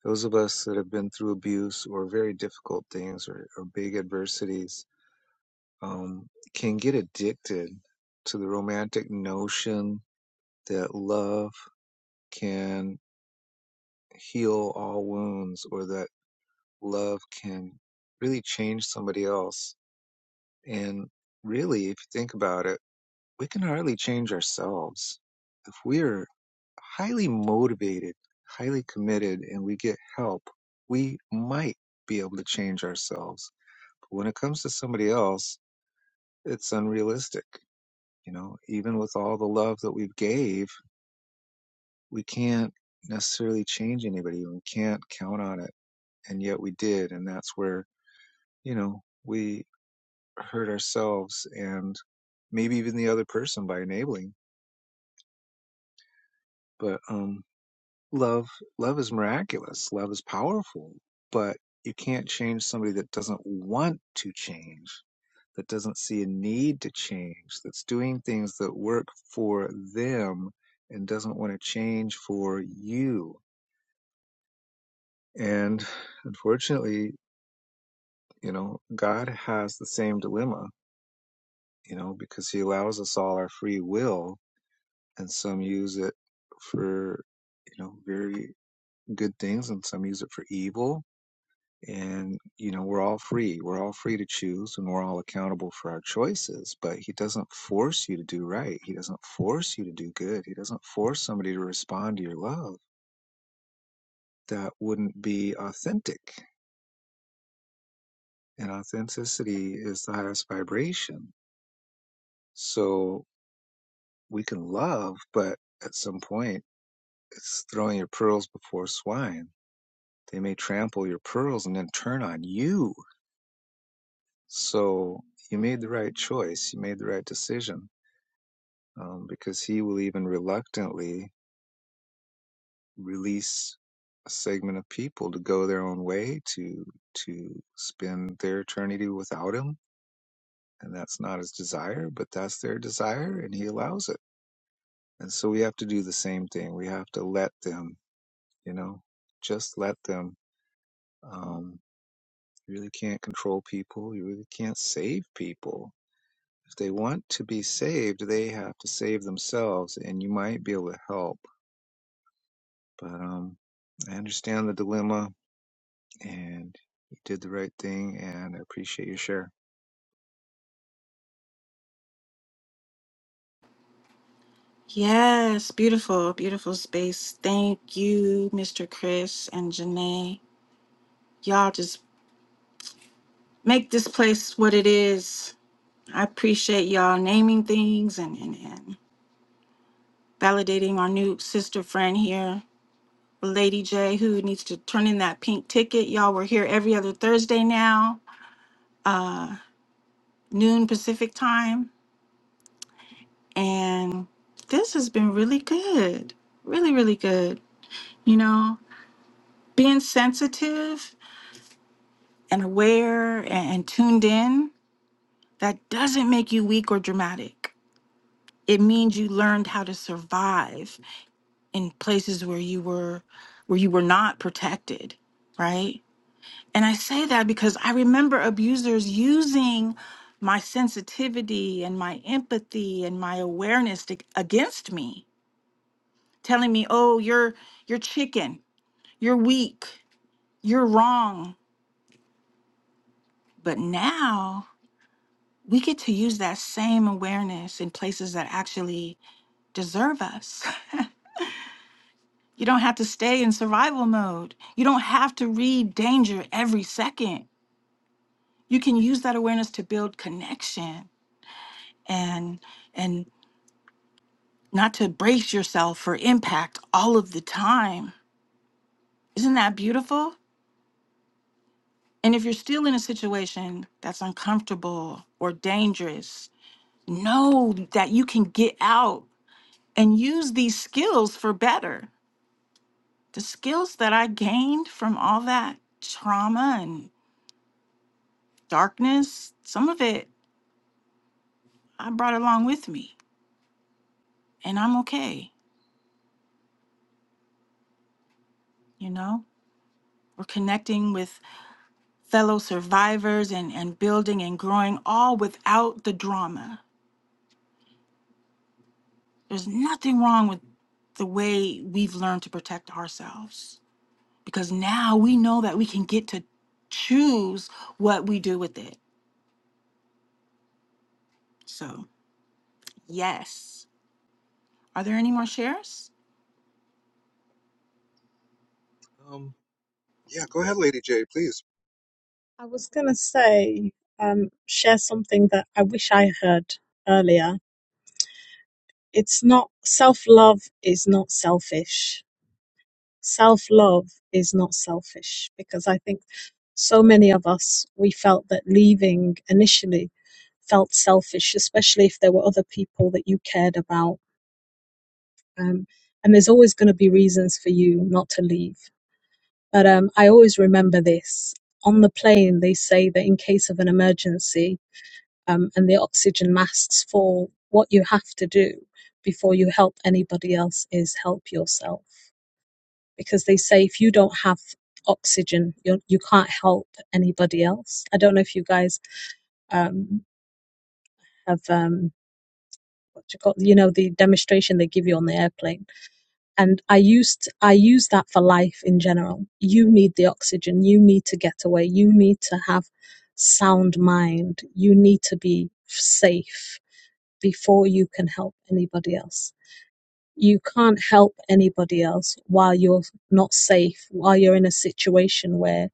S2: those of us that have been through abuse or very difficult things or, or big adversities um, can get addicted to the romantic notion that love can heal all wounds or that love can really change somebody else. And really, if you think about it, we can hardly change ourselves. If we are highly motivated, highly committed, and we get help, we might be able to change ourselves. But when it comes to somebody else, it's unrealistic You know, even with all the love that we gave, we can't necessarily change anybody. We can't count on it. And yet we did. And that's where, you know, we hurt ourselves and maybe even the other person by enabling. But um, love, love is miraculous. Love is powerful. But you can't change somebody that doesn't want to change. that doesn't see a need to change, that's doing things that work for them and doesn't want to change for you. And unfortunately, you know, God has the same dilemma, you know, because he allows us all our free will and some use it for, you know, very good things and some use it for evil And, you know, we're all free. We're all free to choose and we're all accountable for our choices. But He doesn't force you to do right. He doesn't force you to do good. He doesn't force somebody to respond to your love. That wouldn't be authentic. And authenticity is the highest vibration. So we can love, but at some point, it's throwing your pearls before swine. They may trample your pearls and then turn on you. So you made the right choice. You made the right decision um, because he will even reluctantly release a segment of people to go their own way to to spend their eternity without him and that's not his desire but that's their desire and he allows it and so we have to do the same thing we have to let them you know just let them um, you really can't control people you really can't save people if they want to be saved they have to save themselves and you might be able to help But um, I understand the dilemma, and you did the right thing, and I appreciate your share.
S1: Yes, beautiful, beautiful space. Thank you, Mr. Chris and Janae. Y'all just make this place what it is. I appreciate y'all naming things and, and, and validating our new sister friend here, Lady J, who needs to turn in that pink ticket. Y'all, we're here every other Thursday now, uh, noon Pacific time. And this has been really good. Really, really good. You know, being sensitive and aware and, and tuned in, that doesn't make you weak or dramatic. It means you learned how to survive in places where you were where you were not protected, right? And I say that because I remember abusers using my sensitivity and my empathy and my awareness to, against me, telling me, "Oh, you're you're chicken, you're weak, you're wrong." But now we get to use that same awareness in places that actually deserve us. You don't have to stay in survival mode. You don't have to read danger every second. You can use that awareness to build connection and and not to brace yourself for impact all of the time. Isn't that beautiful? And if you're still in a situation that's uncomfortable or dangerous, know that you can get out and use these skills for better the skills that I gained from all that trauma and darkness, some of it I brought along with me, and I'm okay, you know? We're connecting with fellow survivors and, and building and growing all without the drama. There's nothing wrong with the way we've learned to protect ourselves because now we know that we can get to choose what we do with it. So, yes. Are there any more shares?
S2: Um, Yeah, go ahead, Lady J, please.
S11: I was going to say, um, share something that I wish I heard earlier. It's not self love is not selfish. Self love is not selfish because I think so many of us, we felt that leaving initially felt selfish, especially if there were other people that you cared about Um, and there's always going to be reasons for you not to leave. But um, I always remember this. On the plane, they say that in case of an emergency um, and the oxygen masks fall, what you have to do before you help anybody else is help yourself. Because they say if you don't have oxygen, you're, you you can not help anybody else. I don't know if you guys um, have, um, what you call, you know, the demonstration they give you on the airplane and i used i use that for life in general you need the oxygen you need to get away you need to have sound mind you need to be safe before you can help anybody else you can't help anybody else while you're not safe while you're in a situation where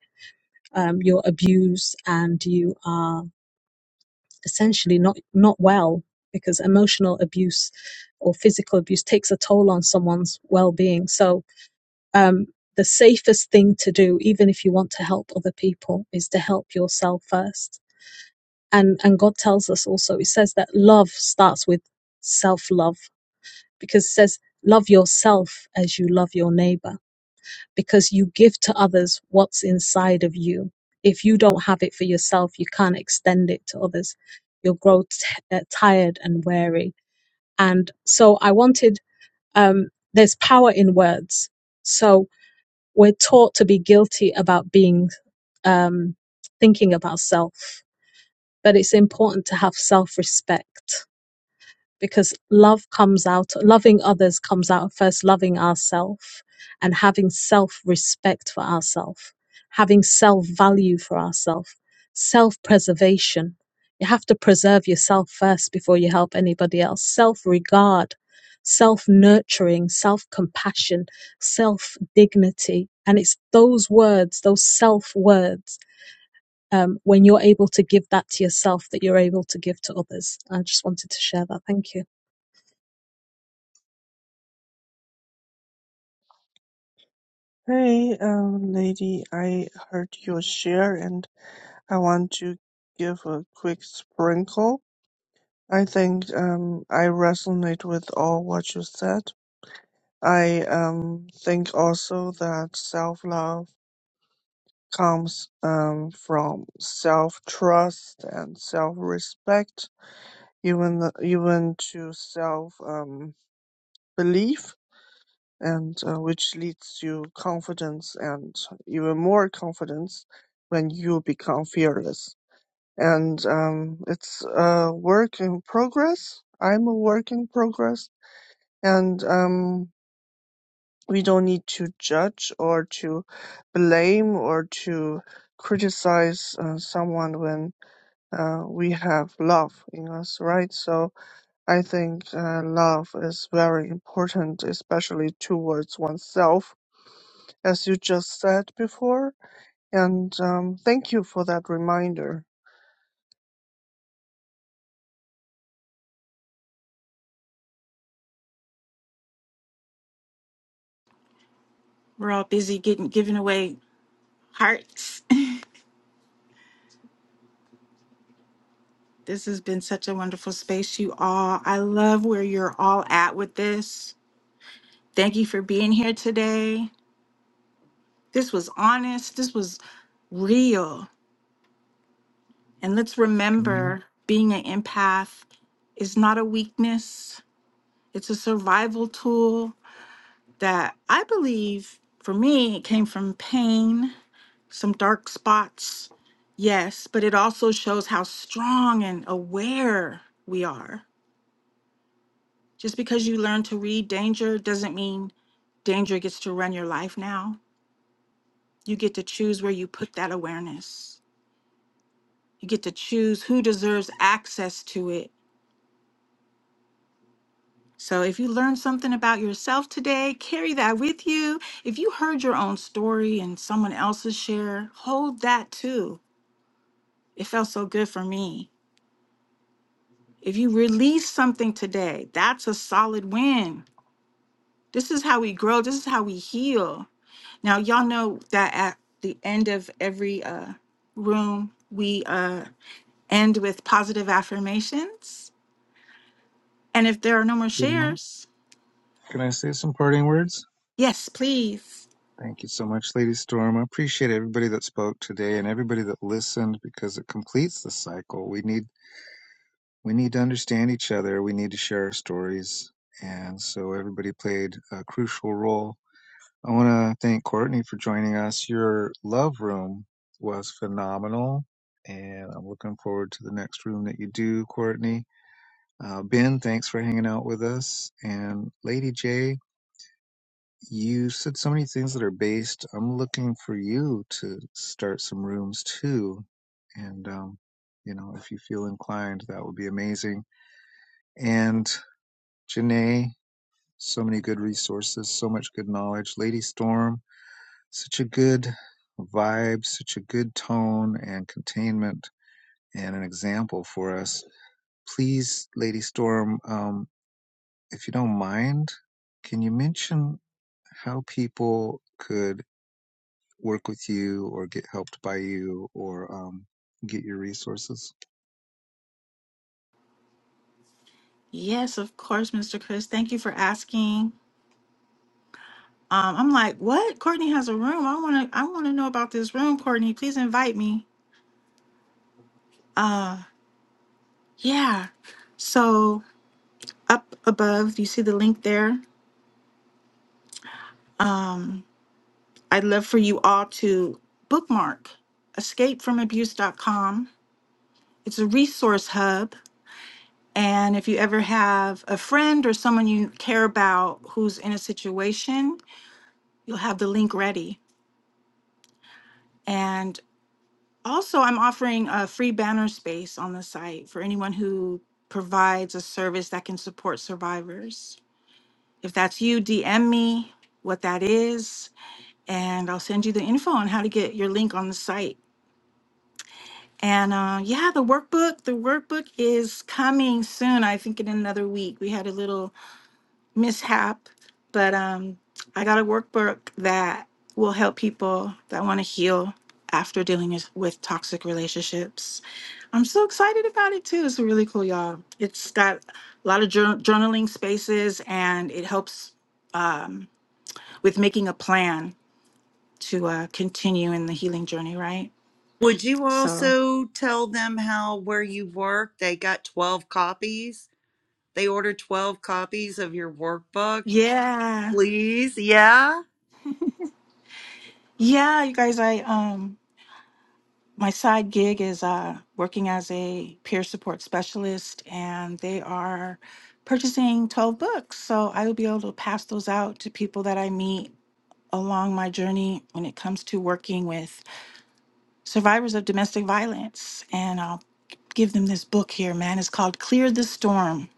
S11: um, you're abused and you are essentially not not well because emotional abuse or physical abuse takes a toll on someone's well-being so um, the safest thing to do, even if you want to help other people, is to help yourself first. And and God tells us also, He says that love starts with self love because it says love yourself as you love your neighbor because you give to others what's inside of you. If you don't have it for yourself, you can't extend it to others. You'll grow t- uh, tired and weary. And so I wanted. Um, there's power in words. So we're taught to be guilty about being um, thinking about self, but it's important to have self respect because love comes out loving others comes out of first loving ourselves and having self respect for ourselves having self value for ourselves self preservation you have to preserve yourself first before you help anybody else self regard self nurturing self compassion self dignity and it's those words those self words um, when you're able to give that to yourself that you're able to give to others i just wanted to share that thank you
S4: Hey, um, lady, I heard your share and I want to give a quick sprinkle. I think um, I resonate with all what you said. I um, think also that self love comes um, from self trust and self respect, even even to self um, belief and uh, which leads to confidence and even more confidence when you become fearless. And um, it's a work in progress. I'm a work in progress, and um, we don't need to judge or to blame or to criticize uh, someone when uh, we have love in us, right? So I think uh, love is very important, especially towards oneself as you just said before. And um, thank you for that reminder.
S1: We're all busy getting giving away hearts. This has been such a wonderful space, you all. I love where you're all at with this. Thank you for being here today. This was honest, this was real. And let's
S2: can,
S1: remember being an empath is not a weakness, it's a survival tool that I believe for me, it came from pain, some dark spots, yes, but it also shows how strong and aware we are Just because you learn to read danger doesn't mean danger gets to run your life now. You get to choose where you put that awareness. You get to choose who deserves access to it. So if you learned something about yourself today, carry that with you. If you heard your own story and someone else's share, hold that too. It felt so good for me. If you release something today, that's a solid win. This is how we grow. This is how we heal. Now, y'all know that at the end of every uh, room, we uh, end with positive affirmations. And if there are no more
S2: can,
S1: shares,
S2: can I say some parting words?
S1: yes, please.
S2: Thank you so much, Lady Storm. I appreciate everybody that spoke today and everybody that listened because it completes the cycle. We need we need to understand each other. We need to share our stories, and so everybody played a crucial role I want to thank Courtney for joining us. Your love room was phenomenal, and I'm looking forward to the next room that you do, Courtney. Uh, ben, thanks for hanging out with us. And Lady J, you said so many things that are based. I'm looking for you to start some rooms too. And, um, you know, if you feel inclined, that would be amazing. And Janae, so many good resources, so much good knowledge. Lady Storm, such a good vibe, such a good tone and containment, and an example for us. Please, Lady Storm, um, if you don't mind, can you mention how people could work with you or get helped by you or um, get your resources?
S1: Yes, of course, Mr. Chris. Thank you for asking. Um, I'm like, what? Courtney has a room. I want to. I want to know about this room, Courtney. Please invite me. Uh, yeah. So up above, you see the link there. Um, I'd love for you all to bookmark escapefromabuse.com it's a resource hub. And if you ever have a friend or someone you care about who's in a situation, you'll have the link ready. And also, I'm offering a free banner space on the site for anyone who provides a service that can support survivors. If that's you, DM me what that is, and I'll send you the info on how to get your link on the site. And uh, yeah, the workbook, the workbook is coming soon. I think in another week. We had a little mishap, but um, I got a workbook that will help people that want to heal after dealing with with toxic relationships. I'm so excited about it too. It's really cool, y'all. It's got a lot of jour- journaling spaces and it helps um, with making a plan to uh, continue in the healing journey, right?
S3: Would you
S1: So,
S3: also tell them how where you work, they got 12 copies? They ordered 12 copies of your workbook,
S1: yeah.
S3: please. Yeah.
S1: Yeah, you guys, I um My side gig is uh, working as a peer support specialist, and they are purchasing 12 books. So I will be able to pass those out to people that I meet along my journey when it comes to working with survivors of domestic violence. And I'll give them this book here, man. It's called Clear the Storm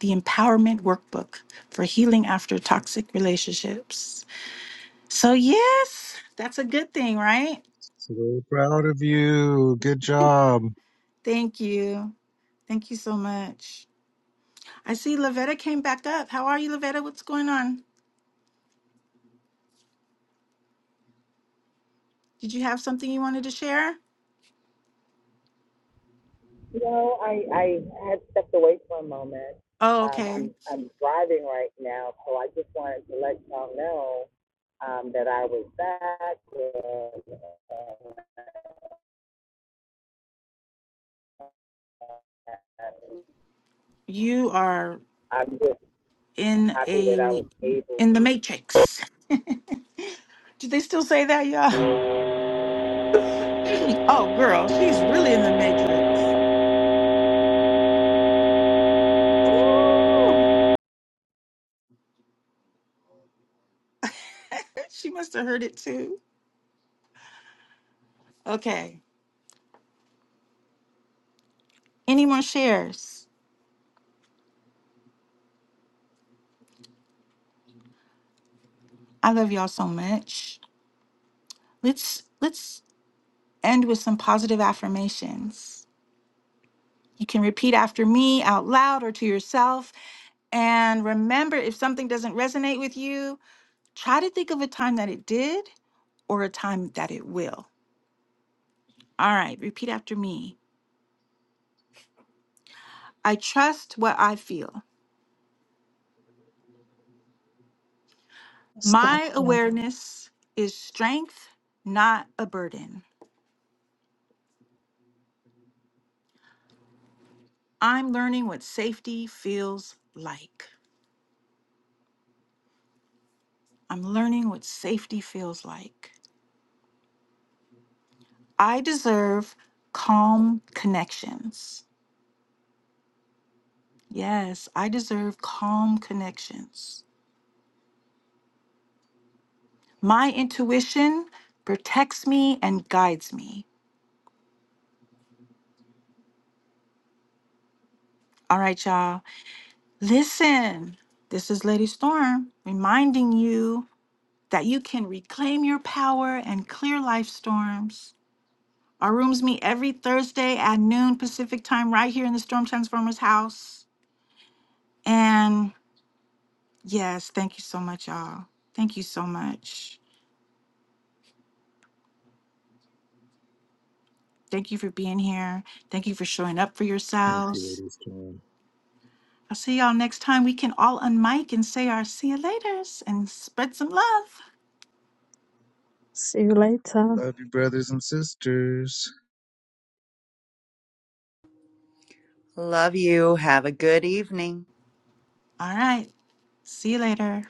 S1: The Empowerment Workbook for Healing After Toxic Relationships. So, yes, that's a good thing, right?
S2: So proud of you. Good job.
S1: Thank you. Thank you so much. I see Lavetta came back up. How are you, Lavetta? What's going on? Did you have something you wanted to share?
S6: You know, I, I had stepped away for a moment.
S1: Oh,
S6: Um, I'm,
S1: okay.
S6: I'm driving right now, so I just wanted to let y'all know um, that I was back. And, uh,
S1: You are
S6: I'm just
S1: in
S6: happy that I
S1: a
S6: was able
S1: in the matrix. Do they still say that, y'all?
S6: to.
S1: Oh, girl, she's really in the matrix. Ooh, she must have heard it too. Okay. Any more shares? I love y'all so much. Let's let's end with some positive affirmations. You can repeat after me out loud or to yourself. And remember, if something doesn't resonate with you, try to think of a time that it did or a time that it will. All right, repeat after me. I trust what I feel.
S11: Just like
S1: My
S11: you.
S1: awareness is strength, not a burden. I'm learning what safety feels like. I'm learning what safety feels like. I deserve calm connections. Yes, I deserve calm connections. My intuition protects me and guides me. All right, y'all. Listen, this is Lady Storm reminding you that you can reclaim your power and clear life storms. Our rooms meet every Thursday at noon Pacific time, right here in the Storm Transformers house. And yes, thank you so much, y'all. Thank you so much. Thank you for being here. Thank you for showing up for
S2: Thank you,
S1: yourselves.
S2: Lady Storm.
S1: I'll see y'all next time. We can all unmic and say our see you laters and spread some love.
S11: See you later.
S2: Love you, brothers and sisters.
S3: Love you. Have a good evening.
S1: All right. See you later.